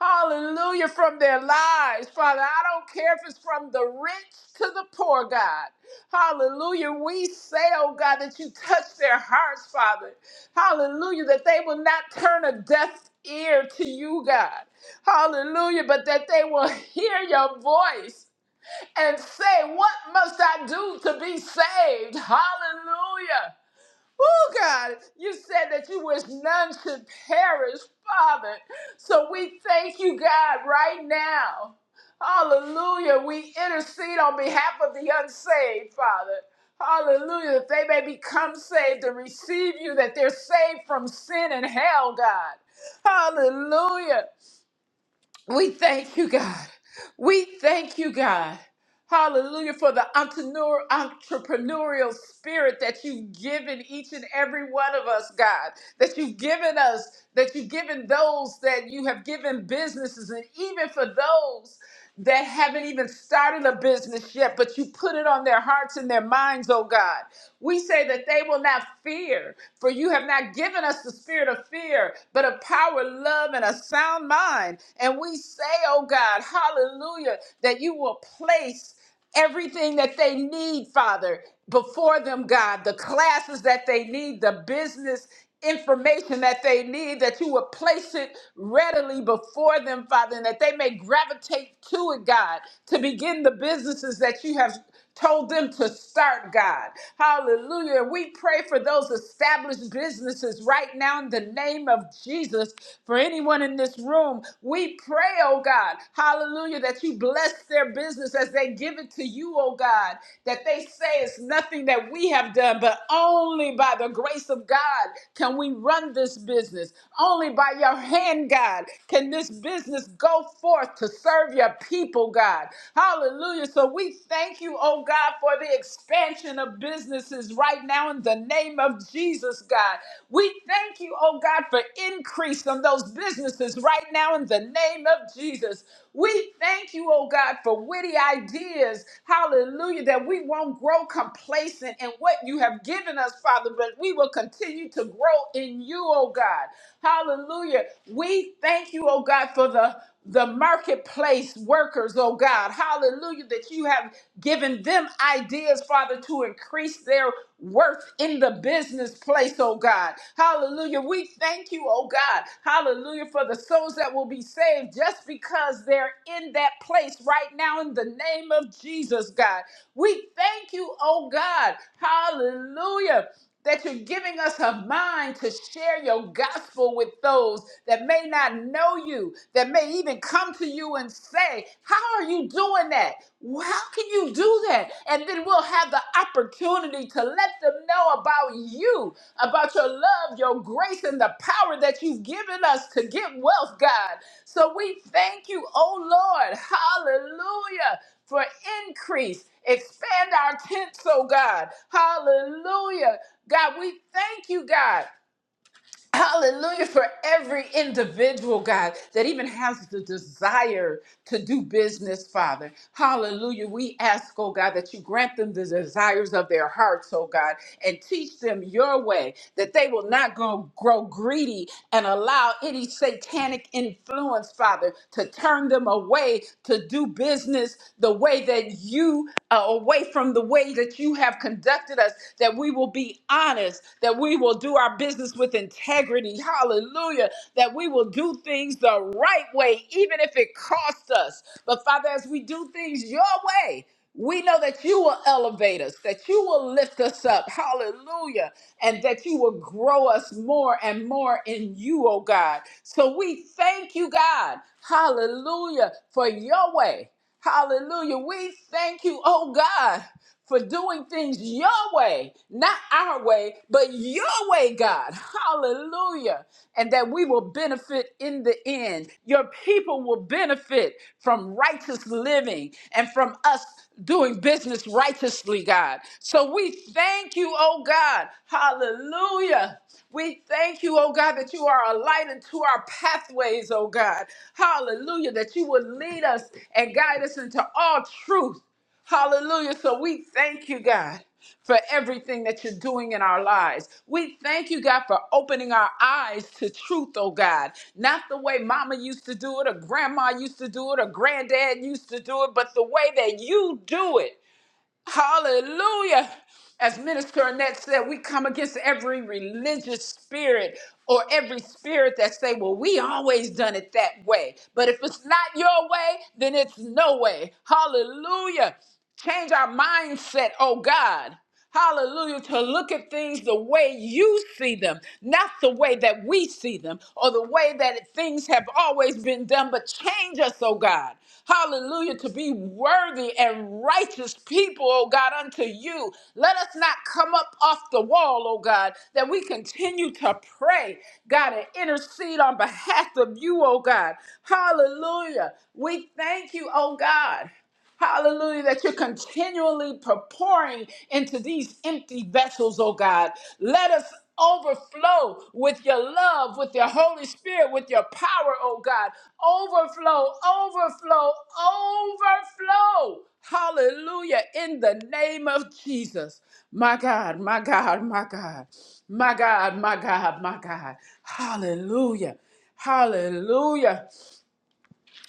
Speaker 1: Hallelujah from their lives, Father. I don't care if it's from the rich to the poor, God. Hallelujah. We say, oh God, that you touch their hearts, Father. Hallelujah. That they will not turn a deaf ear to you, God. Hallelujah. But that they will hear your voice and say, What must I do to be saved? Hallelujah. Oh God, you said that you wish none should perish, Father. So we thank you, God, right now. Hallelujah. We intercede on behalf of the unsaved, Father. Hallelujah. That they may become saved and receive you, that they're saved from sin and hell, God. Hallelujah. We thank you, God. We thank you, God. Hallelujah for the entrepreneur, entrepreneurial spirit that you've given each and every one of us, God. That you've given us, that you've given those that you have given businesses, and even for those that haven't even started a business yet, but you put it on their hearts and their minds, oh God. We say that they will not fear, for you have not given us the spirit of fear, but of power, love, and a sound mind. And we say, oh God, hallelujah, that you will place everything that they need, Father, before them, God, the classes that they need, the business information that they need, that you would place it readily before them, Father, and that they may gravitate to it, God, to begin the businesses that you have told them to start, God. Hallelujah. We pray for those established businesses right now in the name of Jesus. For anyone in this room, we pray, oh God, hallelujah, that you bless their business as they give it to you, oh God, that they say it's nothing that we have done, but only by the grace of God can we run this business. Only by your hand, God, can this business go forth to serve your people, God. God. Hallelujah. So we thank you, oh God, for the expansion of businesses right now in the name of Jesus, God. We thank you, oh God, for increase on those businesses right now in the name of Jesus. We thank you, oh God, for witty ideas. Hallelujah. That we won't grow complacent in what you have given us, Father, but we will continue to grow in you, oh God. Hallelujah. We thank you, oh God, for the the marketplace workers, oh God. Hallelujah, that you have given them ideas, Father, to increase their worth in the business place, oh God. Hallelujah. We thank you, oh God. Hallelujah, for the souls that will be saved just because they're in that place right now in the name of Jesus, God. We thank you, oh God. Hallelujah that you're giving us a mind to share your gospel with those that may not know you, that may even come to you and say, How are you doing that? How can you do that? And then we'll have the opportunity to let them know about you, about your love, your grace, and the power that you've given us to get wealth, God. So we thank you, oh Lord. Hallelujah for increase. Expand our tents, oh God. Hallelujah. God, we thank you, God. Hallelujah for every individual, God, that even has the desire to do business, Father. Hallelujah. We ask, oh God, that you grant them the desires of their hearts, oh God, and teach them your way, that they will not go, grow greedy and allow any satanic influence, Father, to turn them away to do business the way that you, uh, away from the way way that you have conducted us, that we will be honest, that we will do our business with integrity. Hallelujah. That we will do things the right way, even if it costs us. But Father, as we do things your way, we know that you will elevate us, that you will lift us up. Hallelujah. And that you will grow us more and more in you, oh God. So we thank you, God. Hallelujah. For your way. Hallelujah. We thank you, oh God for doing things your way, not our way, but your way, God. Hallelujah. And that we will benefit in the end. Your people will benefit from righteous living and from us doing business righteously, God. So we thank you, oh God. Hallelujah. We thank you, oh God, that you are a light into our pathways, oh God. Hallelujah, that you would lead us and guide us into all truth. Hallelujah. So we thank you, God, for everything that you're doing in our lives. We thank you, God, for opening our eyes to truth, oh God. Not the way mama used to do it, or grandma used to do it, or granddad used to do it, but the way that you do it. Hallelujah. As Minister Annette said, we come against every religious spirit or every spirit that say, well, we always done it that way. But if it's not your way, then it's no way. Hallelujah. Change our mindset, oh God. Hallelujah. To look at things the way you see them, not the way that we see them or the way that things have always been done, but change us, oh God. Hallelujah. To be worthy and righteous people, oh God, unto you. Let us not come up off the wall, oh God, that we continue to pray, God, and intercede on behalf of you, oh God. Hallelujah. We thank you, oh God. Hallelujah, that you're continually pour- pouring into these empty vessels, oh God. Let us overflow with your love, with your Holy Spirit, with your power, oh God. Overflow, overflow, overflow. Hallelujah, in the name of Jesus. My God, my God, my God, my God, my God, my God. Hallelujah. Hallelujah.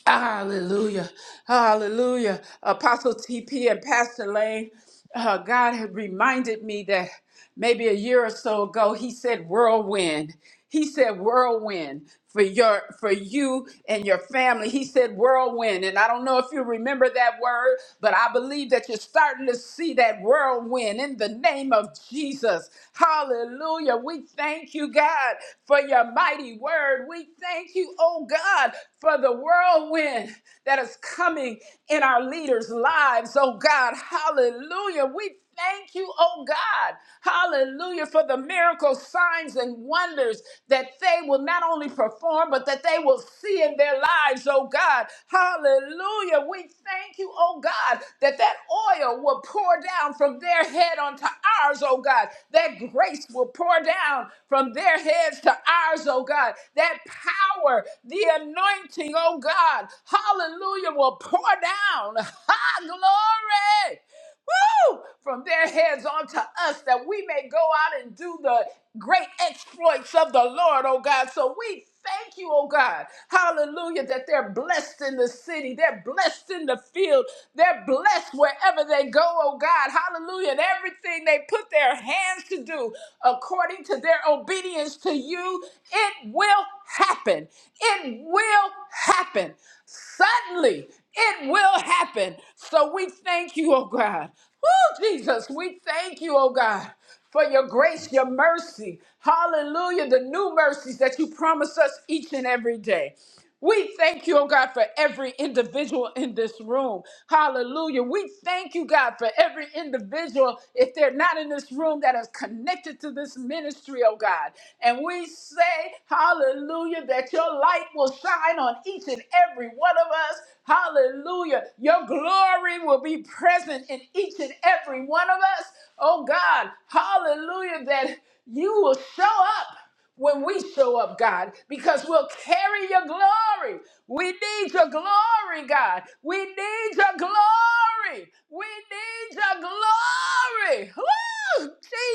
Speaker 1: Hallelujah. Hallelujah. Apostle TP and Pastor Lane, uh, God had reminded me that maybe a year or so ago he said whirlwind. He said whirlwind for your for you and your family. He said whirlwind. And I don't know if you remember that word, but I believe that you're starting to see that whirlwind in the name of Jesus. Hallelujah. We thank you, God, for your mighty word. We thank you, oh God. God, for the whirlwind that is coming in our leaders' lives. Oh God, hallelujah. We thank you, oh God, hallelujah, for the miracles, signs, and wonders that they will not only perform, but that they will see in their lives, oh God, hallelujah. We thank you, oh God, that that oil will pour down from their head onto ours, oh God, that grace will pour down from their heads to ours, oh God, that power, the anointing, oh God, hallelujah, will pour down. Ha, glory. Woo! From their heads onto us that we may go out and do the great exploits of the Lord, oh God. So we thank you, oh God. Hallelujah, that they're blessed in the city, they're blessed in the field, they're blessed wherever they go, oh God. Hallelujah. And everything they put their hands to do according to their obedience to you, it will happen. It will happen. Suddenly, it will happen. So we thank you, oh God. Oh, Jesus, we thank you, oh God, for your grace, your mercy. Hallelujah, the new mercies that you promise us each and every day. We thank you, oh God, for every individual in this room. Hallelujah. We thank you, God, for every individual, if they're not in this room, that is connected to this ministry, oh God. And we say, Hallelujah, that your light will shine on each and every one of us. Hallelujah. Your glory will be present in each and every one of us, oh God. Hallelujah, that you will show up when we show up, God, because we'll carry your glory. We need your glory, God. We need your glory. We need your glory. Woo!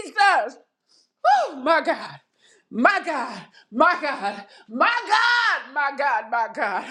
Speaker 1: Jesus. Oh, my God. My God. My God. My God. My God. My God.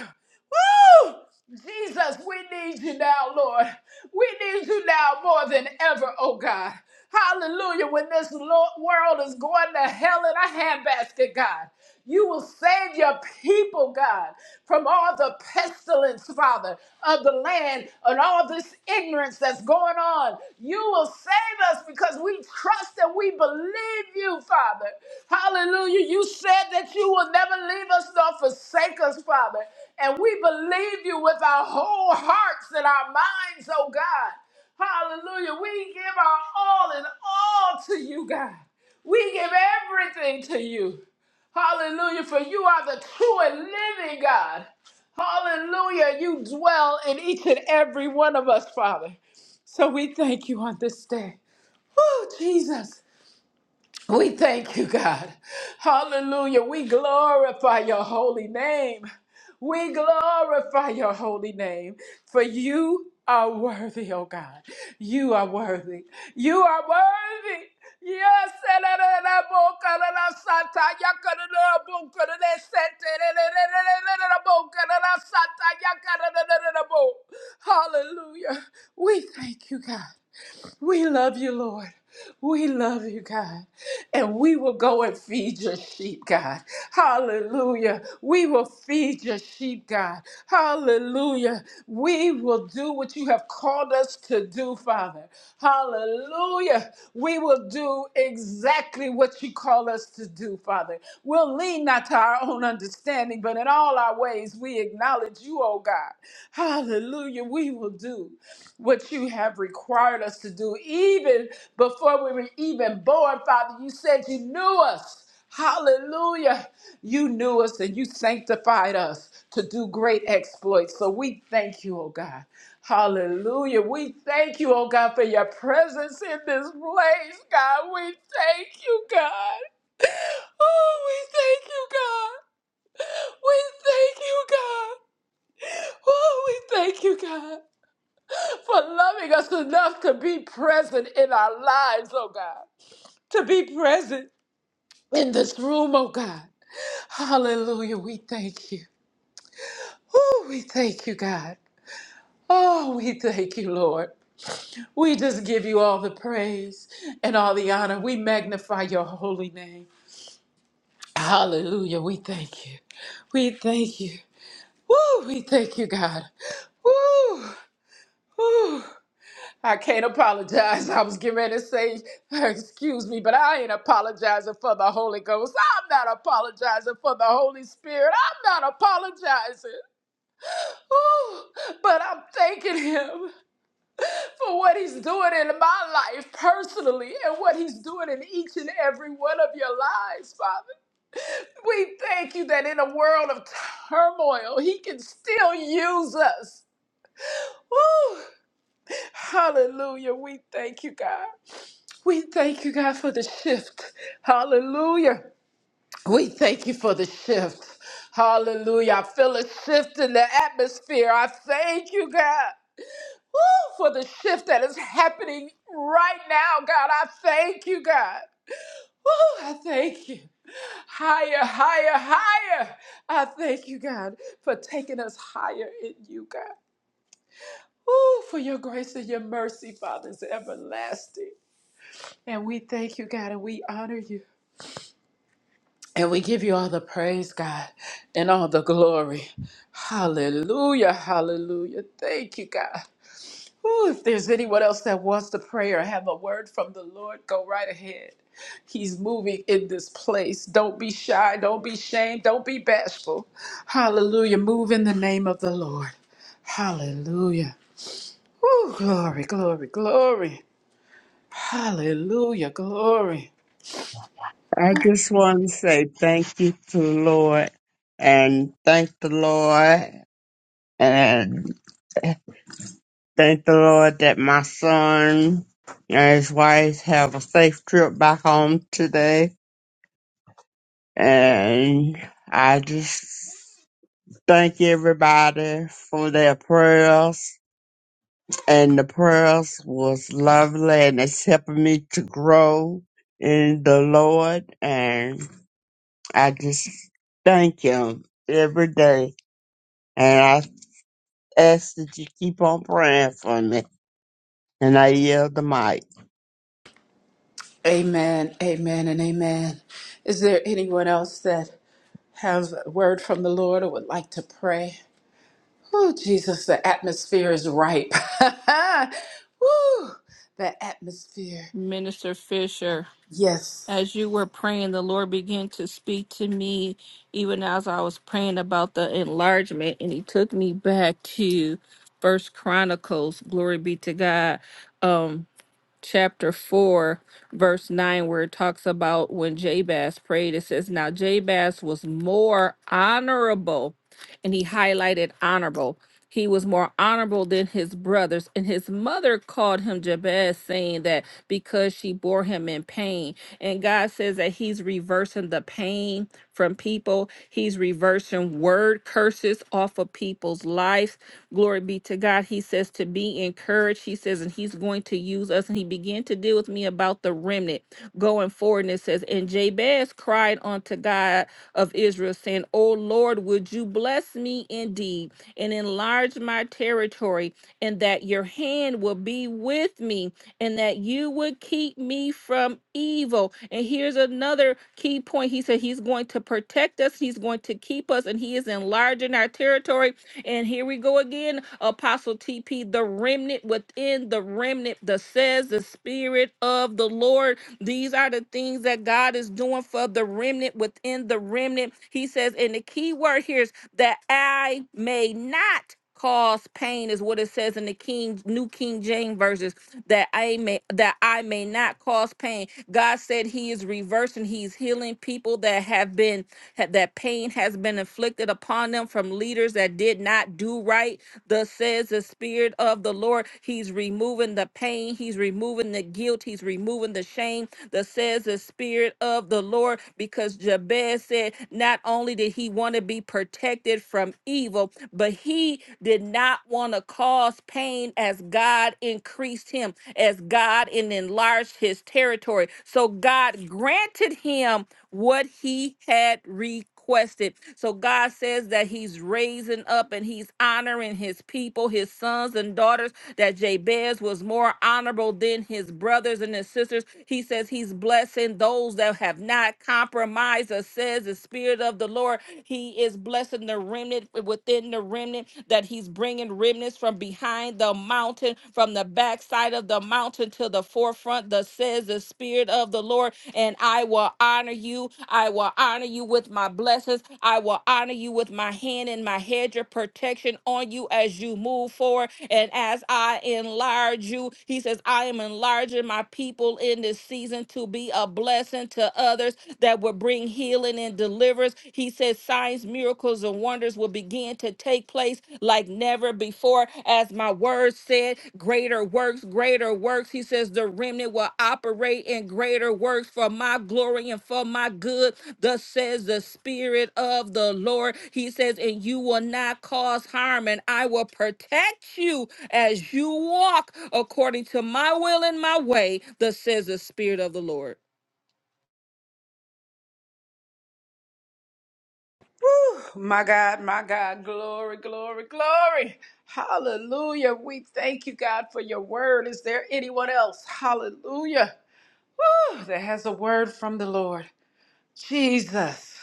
Speaker 1: Woo! Jesus, we need you now, Lord. We need you now more than ever, oh God. Hallelujah. When this lo- world is going to hell in a handbasket, God. You will save your people, God, from all the pestilence, Father, of the land and all this ignorance that's going on. You will save us because we trust and we believe you, Father. Hallelujah. You said that you will never leave us nor forsake us, Father. And we believe you with our whole hearts and our minds, oh God. Hallelujah. We give our all and all to you, God. We give everything to you. Hallelujah. For you are the true and living God. Hallelujah. You dwell in each and every one of us, Father. So we thank you on this day. Oh, Jesus. We thank you, God. Hallelujah. We glorify your holy name. We glorify your holy name. For you are worthy, oh God. You are worthy. You are worthy. Yes, hallelujah. We thank you, God. We love you, Lord. We love you, God. And we will go and feed your sheep, God. Hallelujah. We will feed your sheep, God. Hallelujah. We will do what you have called us to do, Father. Hallelujah. We will do exactly what you call us to do, Father. We'll lean not to our own understanding, but in all our ways we acknowledge you, oh God. Hallelujah. We will do what you have required us to do, even before we were even born, Father. You said you knew us. Hallelujah. You knew us and you sanctified us to do great exploits. So we thank you, oh God. Hallelujah. We thank you, oh God, for your presence in this place, God. We thank you, God. Oh, we thank you, God. We thank you, God. Oh, we thank you, God for loving us enough to be present in our lives, oh God, to be present in this room, oh God. Hallelujah. We thank you. Oh, we thank you, God. Oh, we thank you, Lord. We just give you all the praise and all the honor. We magnify your holy name. Hallelujah. We thank you. We thank you. Woo, we thank you, God. Woo, woo. I can't apologize. I was getting ready to say, excuse me, but I ain't apologizing for the Holy Ghost. I'm not apologizing for the Holy Spirit. I'm not apologizing. Ooh, but I'm thanking Him for what He's doing in my life personally and what He's doing in each and every one of your lives, Father. We thank you that in a world of turmoil, He can still use us. Woo! Hallelujah. We thank you, God. We thank you, God, for the shift. Hallelujah. We thank you for the shift. Hallelujah. I feel a shift in the atmosphere. I thank you, God. Woo, for the shift that is happening right now, God. I thank you, God. Woo, I thank you. Higher, higher, higher. I thank you, God, for taking us higher in you, God. Woo, for your grace and your mercy, Father, is everlasting. And we thank you, God, and we honor you. And we give you all the praise, God, and all the glory. Hallelujah, hallelujah. Thank you, God. Ooh, if there's anyone else that wants to pray or have a word from the Lord, go right ahead. He's moving in this place. Don't be shy. Don't be shamed. Don't be bashful. Hallelujah. Move in the name of the Lord. Hallelujah. Ooh, glory, glory, glory. Hallelujah, glory.
Speaker 3: I just want to say thank you to the Lord and thank the Lord and Thank the Lord that my son and his wife have a safe trip back home today. And I just thank everybody for their prayers. And the prayers was lovely and it's helping me to grow in the Lord. And I just thank him every day. And I ask that you keep on praying for me. And I yield the mic.
Speaker 1: Amen, amen, and amen. Is there anyone else that has a word from the Lord or would like to pray. Oh, Jesus, the atmosphere is ripe. Woo, the atmosphere.
Speaker 4: Minister Fisher.
Speaker 1: Yes.
Speaker 4: as you were praying, the Lord began to speak to me, even as I was praying about the enlargement, and He took me back to First Chronicles. Glory be to God. Um, chapter 4, verse 9, where it talks about when Jabez prayed. It says, Now Jabez was more honorable, and he highlighted honorable. He was more honorable than his brothers, and his mother called him Jabez, saying that because she bore him in pain. And God says that He's reversing the pain from people, He's reversing word curses off of people's lives Glory be to God. He says to be encouraged. He says, and he's going to use us. And he began to deal with me about the remnant going forward. And it says, and Jabez cried unto God of Israel, saying, O Lord, would you bless me indeed and enlarge my territory, and that your hand will be with me, and that you would keep me from evil. And here's another key point. He said, He's going to protect us, He's going to keep us, and He is enlarging our territory and here we go again, Apostle TP, the remnant within the remnant that says the Spirit of the Lord. These are the things that God is doing for the remnant within the remnant. He says, and the key word here is that I may not cause pain is what it says in the King New King James verses that I may that I may not cause pain. God said he is reversing, he's healing people that have been ha- that pain has been inflicted upon them from leaders that did not do right. Thus says the Spirit of the Lord. He's removing the pain, He's removing the guilt, He's removing the shame. Thus says the Spirit of the Lord, because Jabez said, not only did he want to be protected from evil, but he did not want to cause pain as God increased him, as God and enlarged his territory. So God granted him what he had requested. So God says that he's raising up and he's honoring his people, his sons and daughters, that Jabez was more honorable than his brothers and his sisters. He says he's blessing those that have not compromised us, says the Spirit of the Lord. He is blessing the remnant within the remnant, that he's bringing remnants from behind the mountain, from the backside of the mountain to the forefront, thus says the Spirit of the Lord and I will honor you. I will honor you with my blessings. I will honor you with my hand and my hedge of protection on you as you move forward. And as I enlarge you, he says, I am enlarging my people in this season to be a blessing to others that will bring healing and deliverance. He says, signs, miracles, and wonders will begin to take place like never before. As my word said, greater works, greater works. He says the remnant will operate in greater works for my glory and for my good. Thus says the Spirit of the Lord. He says, and you will not cause harm, and I will protect you as you walk according to my will and my way. Thus says the Spirit of the Lord.
Speaker 1: Woo, my God, my God. Glory, glory, glory. Hallelujah. We thank you, God, for your word. Is there anyone else? Hallelujah. Woo, that has a word from the Lord. Jesus,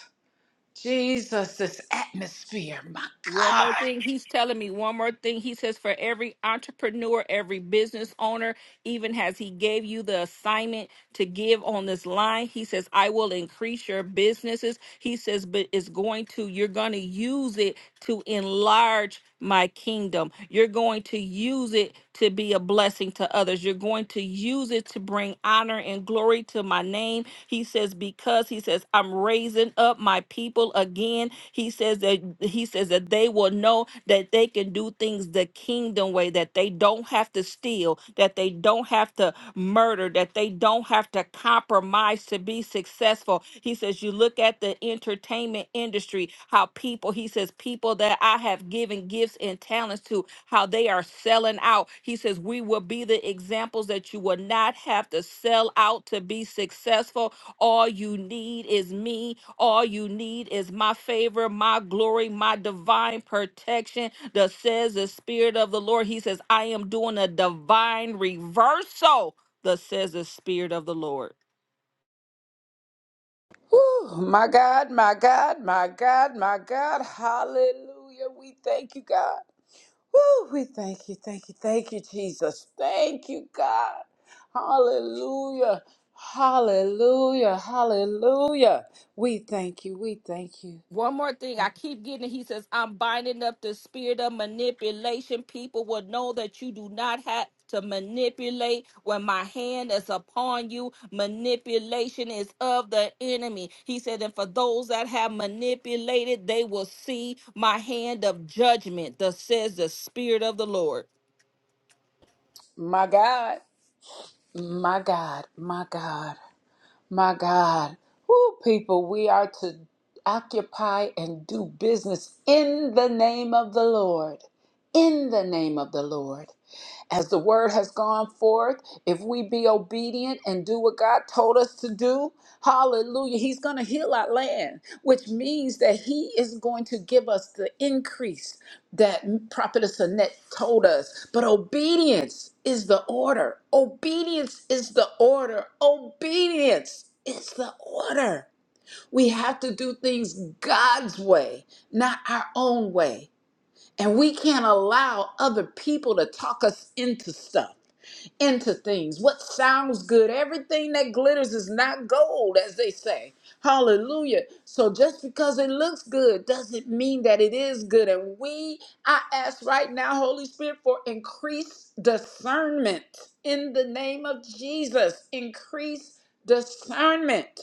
Speaker 1: Jesus, this atmosphere. My
Speaker 4: One more
Speaker 1: God.
Speaker 4: thing, he's telling me one more thing. He says, for every entrepreneur, every business owner, even as he gave you the assignment to give on this line, he says, I will increase your businesses. He says, but it's going to, you're going to use it to enlarge my kingdom. You're going to use it to be a blessing to others. You're going to use it to bring honor and glory to my name. He says, because he says, I'm raising up my people again. He says that he says that they will know that they can do things the kingdom way, that they don't have to steal, that they don't have to murder, that they don't have to compromise to be successful. He says, You look at the entertainment industry, how people, he says, people that I have given gifts and talents to, how they are selling out. He says, We will be the examples that you will not have to sell out to be successful all you need is me. All you need is my favor, my glory, my divine protection. That says the Spirit of the Lord. He says, I am doing a divine reversal. That says the Spirit of the Lord.
Speaker 1: Whew, my God, my God, my God, my God. Hallelujah. We thank you, God. Woo, we thank you, thank you, thank you, Jesus. Thank you, God. Hallelujah. Hallelujah. Hallelujah. We thank you. We thank you.
Speaker 4: One more thing, I keep getting. it. He says, "I'm binding up the spirit of manipulation. People will know that you do not have to manipulate when my hand is upon you. Manipulation is of the enemy." He said, "And for those that have manipulated, they will see my hand of judgment." Thus says the spirit of the Lord.
Speaker 1: My God, my God, my God. My God. Woo, people, we are to occupy and do business in the name of the Lord. In the name of the Lord as the word has gone forth, if we be obedient and do what God told us to do, hallelujah, He's going to heal our land, which means that He is going to give us the increase that Prophetess Annette told us. But obedience is the order. Obedience is the order. Obedience is the order. We have to do things God's way, not our own way. And we can't allow other people to talk us into stuff, into things. What sounds good, everything that glitters is not gold, as they say. Hallelujah. So just because it looks good doesn't mean that it is good. And we, I ask right now, Holy Spirit, for increased discernment in the name of Jesus. Increase discernment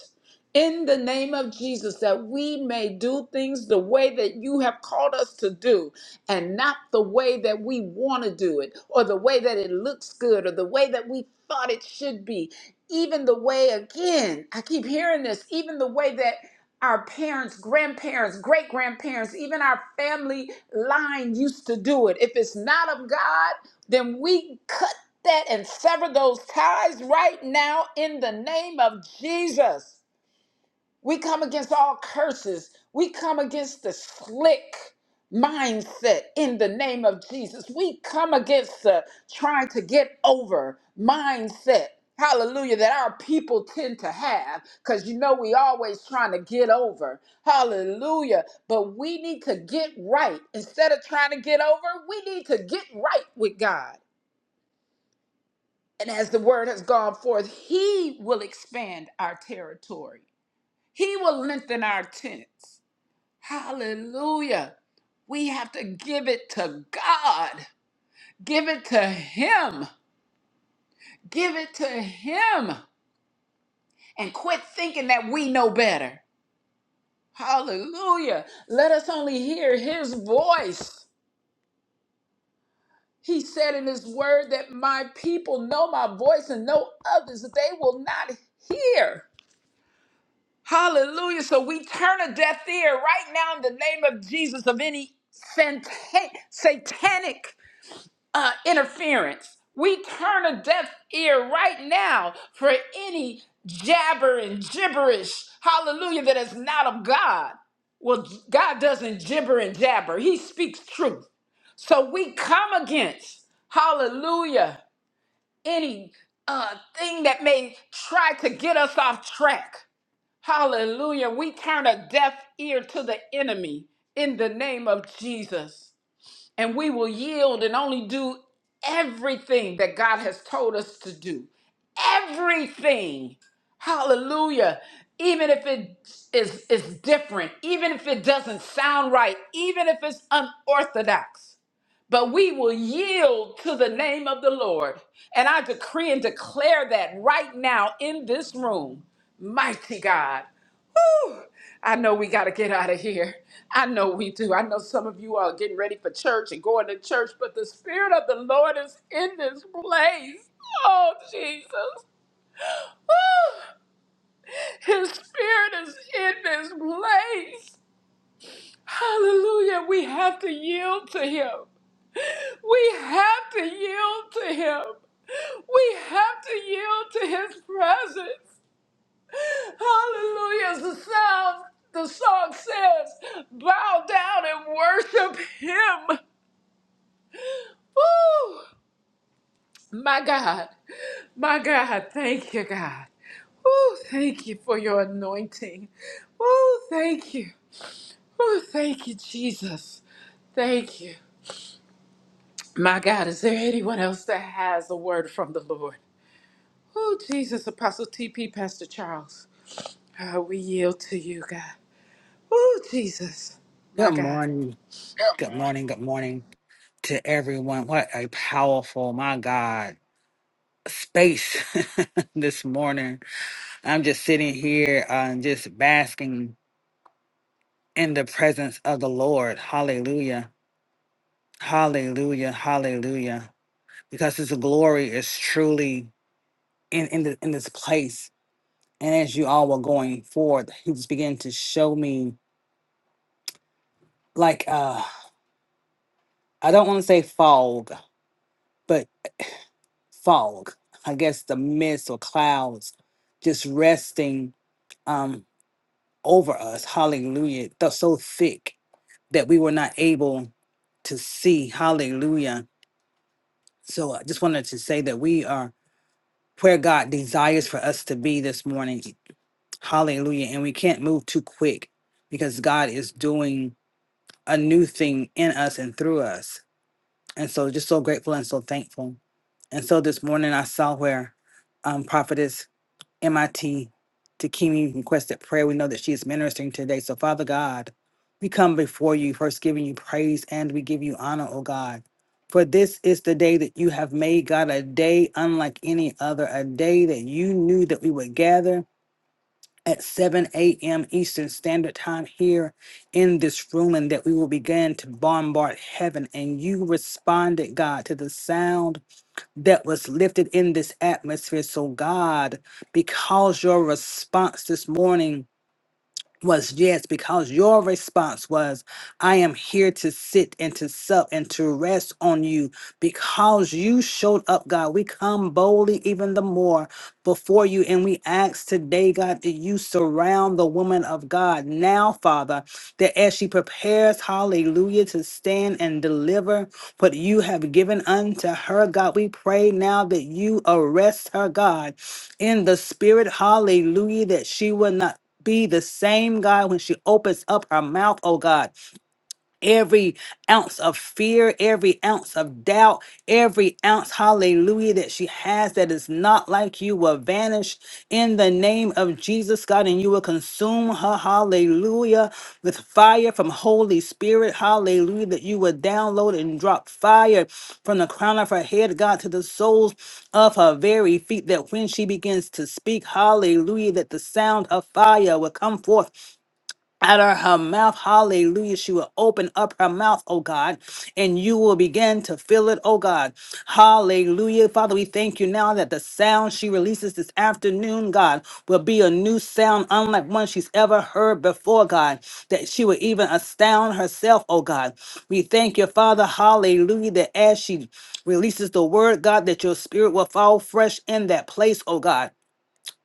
Speaker 1: in the name of Jesus that we may do things the way that you have called us to do and not the way that we want to do it or the way that it looks good or the way that we thought it should be. Even the way, again, I keep hearing this, even the way that our parents, grandparents, great grandparents, even our family line used to do it. If it's not of God, then we cut that and sever those ties right now in the name of Jesus. We come against all curses. We come against the slick mindset in the name of Jesus. We come against the trying to get over mindset. Hallelujah, that our people tend to have because you know we always trying to get over. Hallelujah. But we need to get right. Instead of trying to get over, we need to get right with God. And as the word has gone forth, He will expand our territory, He will lengthen our tents. Hallelujah. We have to give it to God. Give it to Him. Give it to Him. And quit thinking that we know better. Hallelujah. Let us only hear His voice. He said in His word that my people know my voice and no others, that they will not hear. Hallelujah. So we turn a deaf ear right now in the name of Jesus of any satan- satanic uh, interference. We turn a deaf ear right now for any jabber and gibberish, hallelujah, that is not of God. Well, God doesn't gibber and jabber, He speaks truth. So we come against, hallelujah, any uh, thing that may try to get us off track. Hallelujah. We turn a deaf ear to the enemy in the name of Jesus and we will yield and only do everything that God has told us to do. Everything. Hallelujah. Even if it is, is different, even if it doesn't sound right, even if it's unorthodox but we will yield to the name of the Lord. And I decree and declare that right now in this room, mighty God. Whew. I know we got to get out of here. I know we do. I know some of you are getting ready for church and going to church, but the Spirit of the Lord is in this place. Oh, Jesus. Whew. His Spirit is in this place. Hallelujah. We have to yield to Him. We have to yield to Him. We have to yield to His presence. Hallelujah. As the sound, the song says, bow down and worship Him. Woo! My God. My God. Thank you, God. Woo! Thank you for your anointing. Woo! Thank you. Woo! Thank you, Jesus. Thank you. My God, is there anyone else that has a word from the Lord? Oh, Jesus, Apostle TP, Pastor Charles, uh, we yield to you, God. Oh, Jesus,
Speaker 6: Good
Speaker 1: my God.
Speaker 6: morning. Good morning. Good morning to everyone. What a powerful, my God, space this morning. I'm just sitting here and just basking in the presence of the Lord. Hallelujah. Hallelujah. Hallelujah. Because his glory is truly in, in, the, in this place. And as you all were going forward, he was beginning to show me like uh I don't want to say fog, fog, I guess the mist or clouds just resting um, over us. Hallelujah. They're so thick that we were not able to see. Hallelujah. So I just wanted to say that we are where God desires for us to be this morning. Hallelujah. And we can't move too quick because God is doing a new thing in us and through us. And so just so grateful and so thankful. And so this morning I saw where um, prophetess MIT Takimi requested prayer. We know that she is ministering today. So, Father God, we come before you, first giving you praise and we give you honor, O God. For this is the day that you have made, God, a day unlike any other, a day that you knew that we would gather at 7 a.m. Eastern Standard Time here in this room and that we will begin to bombard heaven. And you responded, God, to the sound that was lifted in this atmosphere. So, God, because your response this morning was yes, because your response was, I am here to sit and to sup and to rest on you because you showed up, God. We come boldly even the more before you and we ask today, God, that you surround the woman of God now, Father, that as she prepares, hallelujah, to stand and deliver what you have given unto her, God, we pray now that you arrest her, God, in the spirit, hallelujah, that she will not be the same God when she opens up her mouth, oh God every ounce of fear, every ounce of doubt, every ounce, hallelujah, that she has that is not like you will vanish in the name of Jesus, God, and you will consume her, hallelujah, with fire from Holy Spirit, hallelujah, that you will download and drop fire from the crown of her head, God, to the soles of her very feet, that when she begins to speak, hallelujah, that the sound of fire will come forth out of her mouth. Hallelujah. She will open up her mouth, oh God, and you will begin to fill it, oh God. Hallelujah. Father, we thank you now that the sound she releases this afternoon, God, will be a new sound, unlike one she's ever heard before, God, that she will even astound herself, oh God. We thank you, Father. Hallelujah. That as she releases the word, God, that your spirit will fall fresh in that place, oh God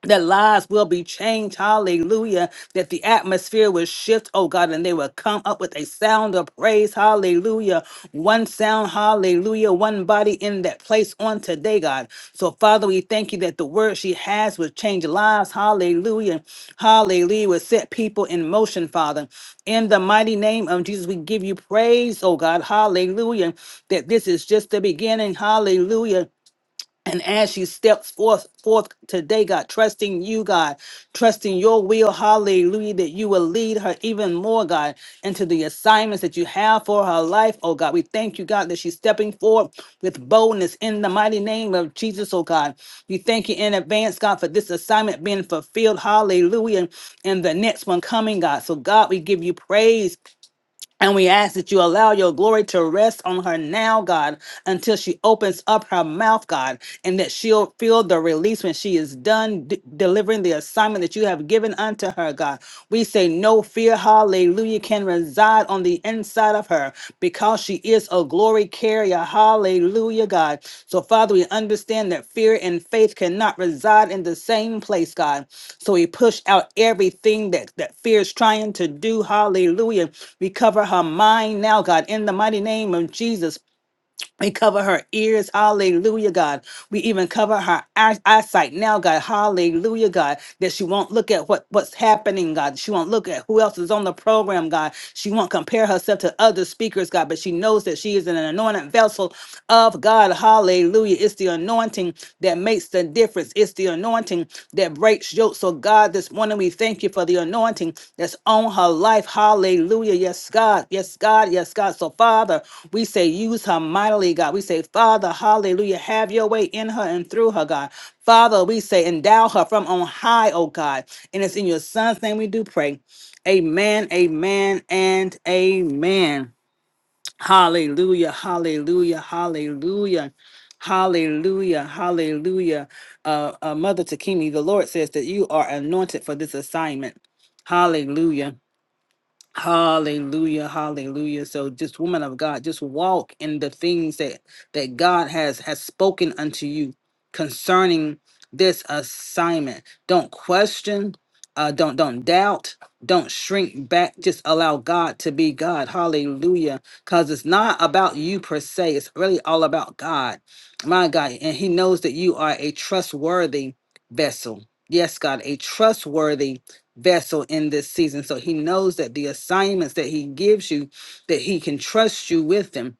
Speaker 6: that lives will be changed. Hallelujah. That the atmosphere will shift, oh God, and they will come up with a sound of praise. Hallelujah. One sound, hallelujah. One body in that place on today, God. So, Father, we thank you that the word she has will change lives. Hallelujah. Hallelujah. Will set people in motion, Father. In the mighty name of Jesus, we give you praise, oh God. Hallelujah. That this is just the beginning. Hallelujah and as she steps forth forth today, God, trusting you, God, trusting your will, hallelujah, that you will lead her even more, God, into the assignments that you have for her life, oh God. We thank you, God, that she's stepping forward with boldness in the mighty name of Jesus, oh God. We thank you in advance, God, for this assignment being fulfilled, hallelujah, and the next one coming, God. So, God, we give you praise and we ask that you allow your glory to rest on her now, God, until she opens up her mouth, God, and that she'll feel the release when she is done d- delivering the assignment that you have given unto her, God. We say, No fear, hallelujah, can reside on the inside of her because she is a glory carrier. Hallelujah, God. So, Father, we understand that fear and faith cannot reside in the same place, God. So we push out everything that, that fear is trying to do. Hallelujah. We cover her mind now, God, in the mighty name of Jesus. We cover her ears, hallelujah, God. We even cover her eye- eyesight now, God, hallelujah, God, that she won't look at what, what's happening, God. She won't look at who else is on the program, God. She won't compare herself to other speakers, God, but she knows that she is an anointed vessel of God, hallelujah. Hallelujah. It's the anointing that makes the difference. It's the anointing that breaks yokes. So, God, this morning we thank you for the anointing that's on her life. Hallelujah. Yes, God. Yes, God. Yes, God. So, Father, we say, use her mightily, God. We say, Father, hallelujah. Have your way in her and through her, God. Father, we say, endow her from on high, oh God. And it's in your son's name we do pray. Amen, amen, and amen. Hallelujah, hallelujah, hallelujah, hallelujah, hallelujah. Uh, uh, Mother Takimi, the Lord says that you are anointed for this assignment. Hallelujah. Hallelujah, hallelujah. So just woman of God, just walk in the things that that God has has spoken unto you concerning this assignment. Don't question, uh don't don't doubt, don't shrink back. Just allow God to be God. Hallelujah. Cuz it's not about you per se. It's really all about God. My God, and he knows that you are a trustworthy vessel. Yes, God, a trustworthy vessel in this season. So he knows that the assignments that he gives you, that he can trust you with them.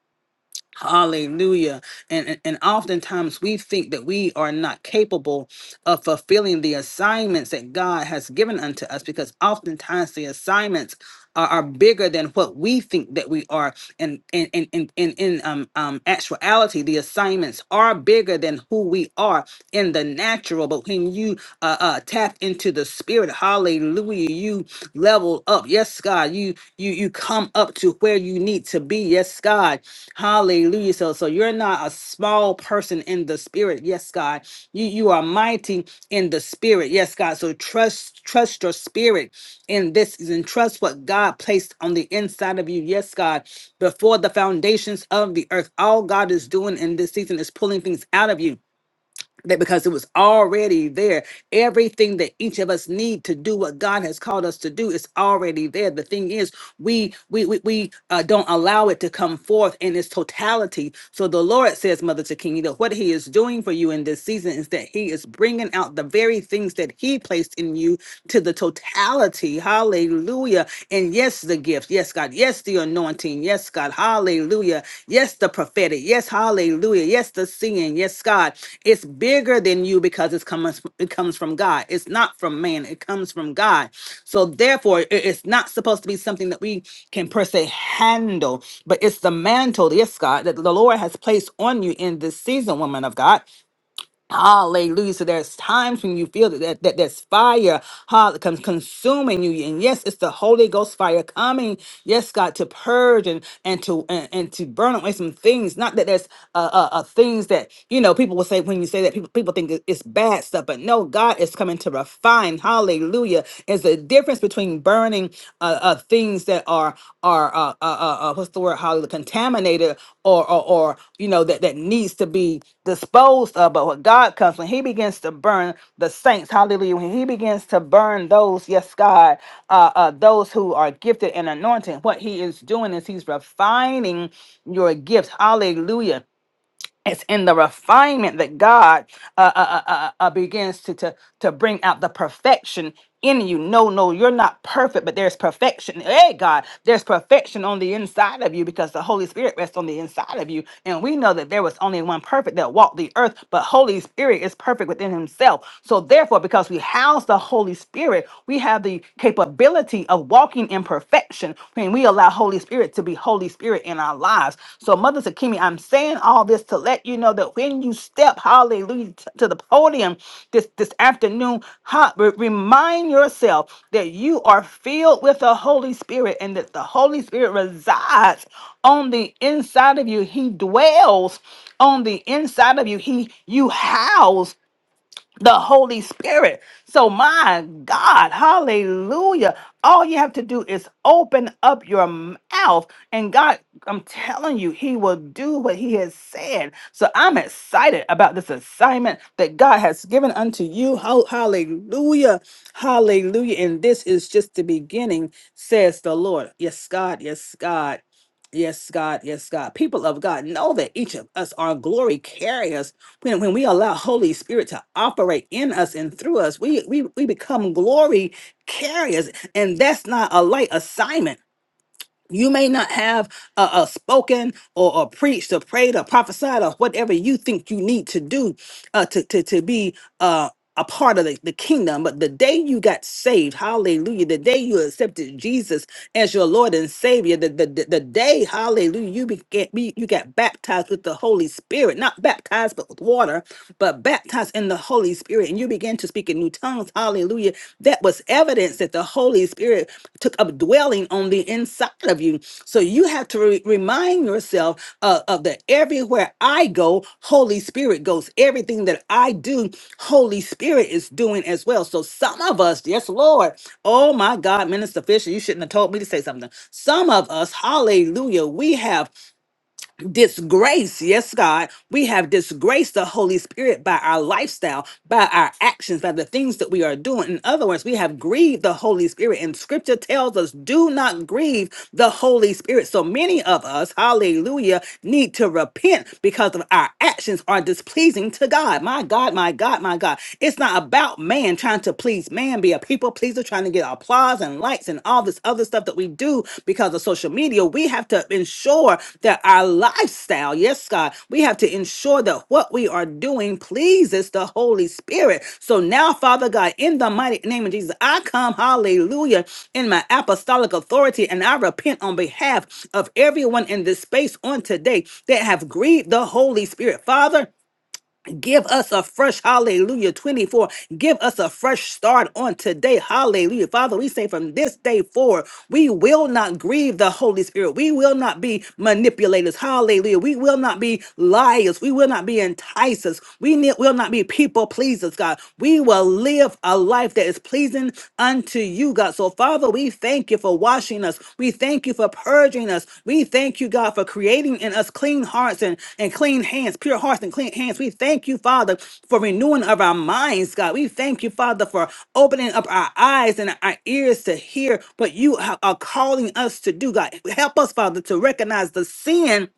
Speaker 6: Hallelujah. And, and and oftentimes we think that we are not capable of fulfilling the assignments that God has given unto us because oftentimes the assignments are, are bigger than what we think that we are. And in in in in, in um, um actuality, the assignments are bigger than who we are in the natural. But when you uh, uh, tap into the spirit. Hallelujah. You level up. Yes, God. You you you come up to where you need to be. Yes, God. Hallelujah. So so you're not a small person in the spirit. Yes, God. You you are mighty in the spirit. Yes, God. So trust trust your spirit in this season. Trust what God placed on the inside of you. Yes, God. Before the foundations of the earth, all God is doing in this season is pulling things out of you that because it was already there everything that each of us need to do what god has called us to do is already there the thing is we we we, we uh, don't allow it to come forth in its totality so the lord says mother Takini, that what he is doing for you in this season is that he is bringing out the very things that he placed in you to the totality hallelujah and yes the gifts. Yes, God. Yes, the anointing. Yes, God. Hallelujah. Yes, the prophetic. Yes, hallelujah. Yes, the singing. Yes, God. It's bigger than you because it's comes it comes from God. It's not from man. It comes from God. So therefore, it- it's not supposed to be something that we can per se handle, but it's the mantle, yes, God, that the Lord has placed on you in this season, woman of God. Hallelujah. So there's times when you feel that, that, that there's fire hall- con- consuming you. And yes, it's the Holy Ghost fire coming, yes, God, to purge and, and to and, and to burn away some things. Not that there's uh, uh, uh, things that, you know, people will say when you say that, people, people think it- it's bad stuff. But no, God is coming to refine. Hallelujah. Is the difference between burning having uh, uh, things that are are uh, uh, uh, uh, what's the word? How contaminated or, or or you know that that needs to be disposed of. But what God comes when He begins to burn the saints, Hallelujah! When He begins to burn those, yes, God, uh, uh, those who are gifted and anointed, what He is doing is He's refining your gifts, Hallelujah it's in the refinement that God uh, uh, uh, uh, uh, uh, begins to, to to bring out the perfection in you. No, no, you're not perfect, but there's perfection. Hey, God, there's perfection on the inside of you because the Holy Spirit rests on the inside of you, and we know that there was only one perfect that walked the earth, but Holy Spirit is perfect within Himself. So therefore, because we house the Holy Spirit, we have the capability of walking in imperfection when we allow Holy Spirit to be Holy Spirit in our lives. So, Mother Sakimi, I'm saying all this to let you know that when you step, hallelujah, t- to the podium this, this afternoon, ha- re- remind yourself that you are filled with the Holy Spirit and that the Holy Spirit resides on the inside of you. He dwells on the inside of you. He you house the Holy Spirit. So, my God, hallelujah. All you have to do is open up your mouth, and God, I'm telling you, He will do what He has said. So, I'm excited about this assignment that God has given unto you. Ho- Hallelujah. Hallelujah. And this is just the beginning, says the Lord. Yes, God. Yes, God. Yes, God. Yes, God. People of God, know that each of us are glory carriers when, when we allow holy spirit to operate in us and through us we, we we become glory carriers and that's not a light assignment you may not have a, a spoken or, or preached or prayed or prophesied or whatever you think you need to do uh, to, to, to be uh, a part of the, the kingdom. But the day you got saved, hallelujah, the day you accepted Jesus as your Lord and Savior. The, the, the the day, hallelujah, you began, be- you got baptized with the Holy Spirit, not baptized but with water, but baptized in the Holy Spirit, and you began to speak in new tongues, hallelujah. That was evidence that the Holy Spirit took up dwelling on the inside of you. So you have to re- remind yourself uh, of that everywhere I go, Holy Spirit goes. Everything that I do, Holy Spirit is doing as well. So some of us, yes, Lord, oh my God, Minister Fisher, you shouldn't have told me to say something. Some of us, hallelujah, we have disgrace, yes, God, we have disgraced the Holy Spirit by our lifestyle, by our actions, by the things that we are doing. In other words, we have grieved the Holy Spirit, and scripture tells us, do not grieve the Holy Spirit. So many of us, hallelujah, need to repent because of our actions are displeasing to God. My God, my God, my God. It's not about man trying to please man, be a people pleaser, trying to get and get applause and likes and all this other stuff that we do because of social media. We have to ensure that our lifestyle, yes, God, we have to ensure that what we are doing pleases the Holy Spirit. So now, Father God, in the mighty name of Jesus, I come, hallelujah, in my apostolic authority and I repent on behalf of everyone in this space on today that have grieved the Holy Spirit. Father, Give us a fresh hallelujah 24. Give us a fresh start on today. Hallelujah. Father, we say from this day forward, we will not grieve the Holy Spirit. We will not be manipulators. Hallelujah. We will not be liars. We will not be enticers. We ne- will not be people pleasers, God. We will live a life that is pleasing unto you you, God. So, Father, we thank you for washing us. We thank you for purging us. We thank you, God, for creating in us clean hearts and, and clean hands, pure hearts and clean hands. We thank you, Father, for renewing of our minds, God. We thank you, Father, for opening up our eyes and our ears to hear what you ha- are calling us to do, God. Help us, Father, to recognize the sin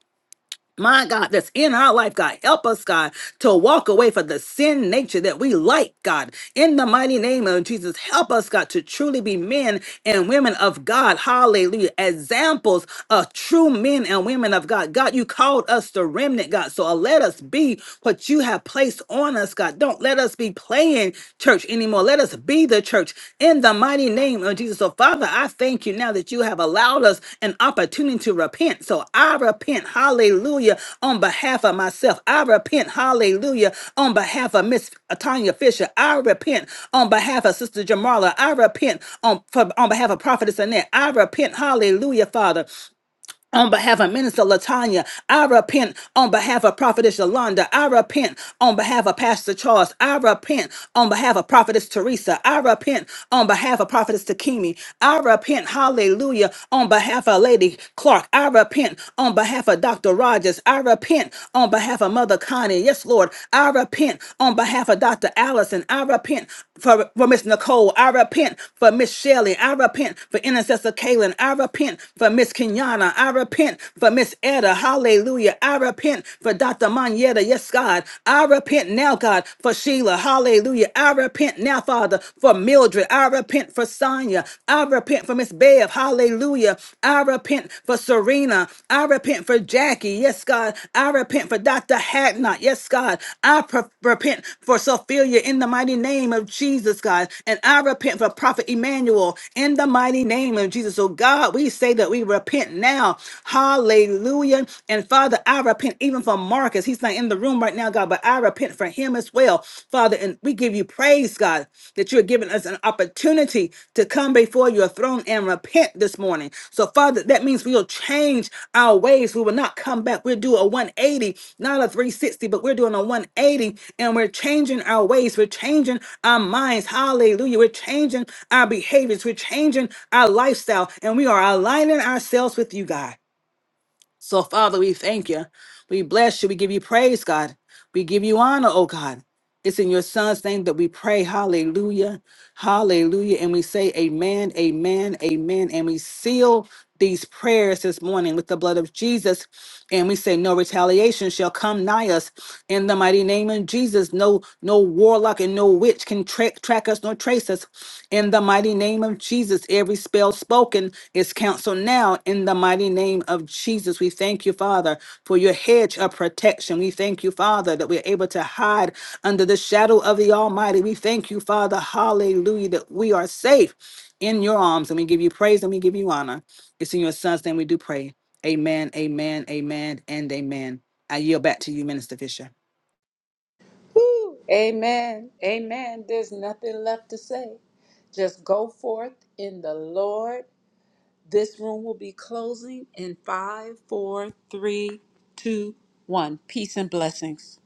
Speaker 6: my God, that's in our life, God. Help us, God, to walk away from the sin nature that we like, God. In the mighty name of Jesus, help us, God, to truly be men and women of God. Hallelujah. Examples of true men and women of God. God, you called us the remnant, God. So let us be what you have placed on us, God. Don't let us be playing church anymore anymore. Let us be the church in the mighty name of Jesus. So, Father, I thank you now that you have allowed us an opportunity to repent. So, I repent, hallelujah, on behalf of myself. I repent, hallelujah, on behalf of Miss Tanya Fisher. I repent on behalf of Sister Jamala. I repent on, for, on behalf of Prophetess Annette. I repent, hallelujah, Father on behalf of Minister Latanya, I repent on behalf of Prophetess Yolanda. I repent on behalf of Pastor Charles. I repent on behalf of Prophetess Teresa. I repent on behalf of Prophetess Takimi. I repent, hallelujah, on behalf of Lady Clark. I repent on behalf of Dr. Rogers. I repent on behalf of Mother Connie. Yes, Lord. I repent on behalf of Dr. Allison. I repent for, for Miss Nicole. I repent for Miss Shelley. I repent for Intercessor Kaylin. I repent for Miss Kenyatta. I repent repent for Miss Etta. Hallelujah. I repent for Dr. Manetta. Yes, God. I repent now, God, for Sheila. Hallelujah. I repent now, Father, for Mildred. I repent for Sonia. I repent for Miss Bev. Hallelujah. I repent for Serena. I repent for Jackie. Yes, God. I repent for Dr. Hacknott. Yes, God. I pre- repent for Sophia in the mighty name of Jesus, God. And I repent for Prophet Emmanuel in the mighty name of Jesus. So, God, we say that we repent now. Hallelujah. And Father, I repent even for Marcus. He's not in the room right now, God, but I repent for him as well. Father, and we give you praise, God, that you're giving us an opportunity to come before your throne and repent this morning. So, Father, that means we'll change our ways. We will not come back. We'll do a 180, not a 360, but we're doing a 180 and we're changing our ways. We're changing our minds. Hallelujah. We're changing our behaviors. We're changing our lifestyle and we are aligning ourselves with you, God. So, Father, we thank you. We bless you. We give you praise, God. We give you honor, oh God. It's in your son's name that we pray. Hallelujah. Hallelujah. And we say amen, amen, amen. And we seal these prayers this morning with the blood of Jesus. And we say, no retaliation shall come nigh us in the mighty name of Jesus. No, no warlock and no witch can tra- track us nor trace us in the mighty name of Jesus. Every spirit spell spoken is canceled now in the mighty name of Jesus. We thank you, Father, for your hedge of protection. We thank you, Father, that we're able to hide under the shadow of the Almighty. We thank you, Father, hallelujah, that we are safe in your arms and we give you praise and we give you honor. It's in your son's name we do pray. Amen, amen, amen, and amen. I yield back to you, Minister Fisher.
Speaker 1: Woo. Amen. Amen. There's nothing left to say. Just go forth in the Lord. This room will be closing in five, four, three, two, one. Peace and blessings.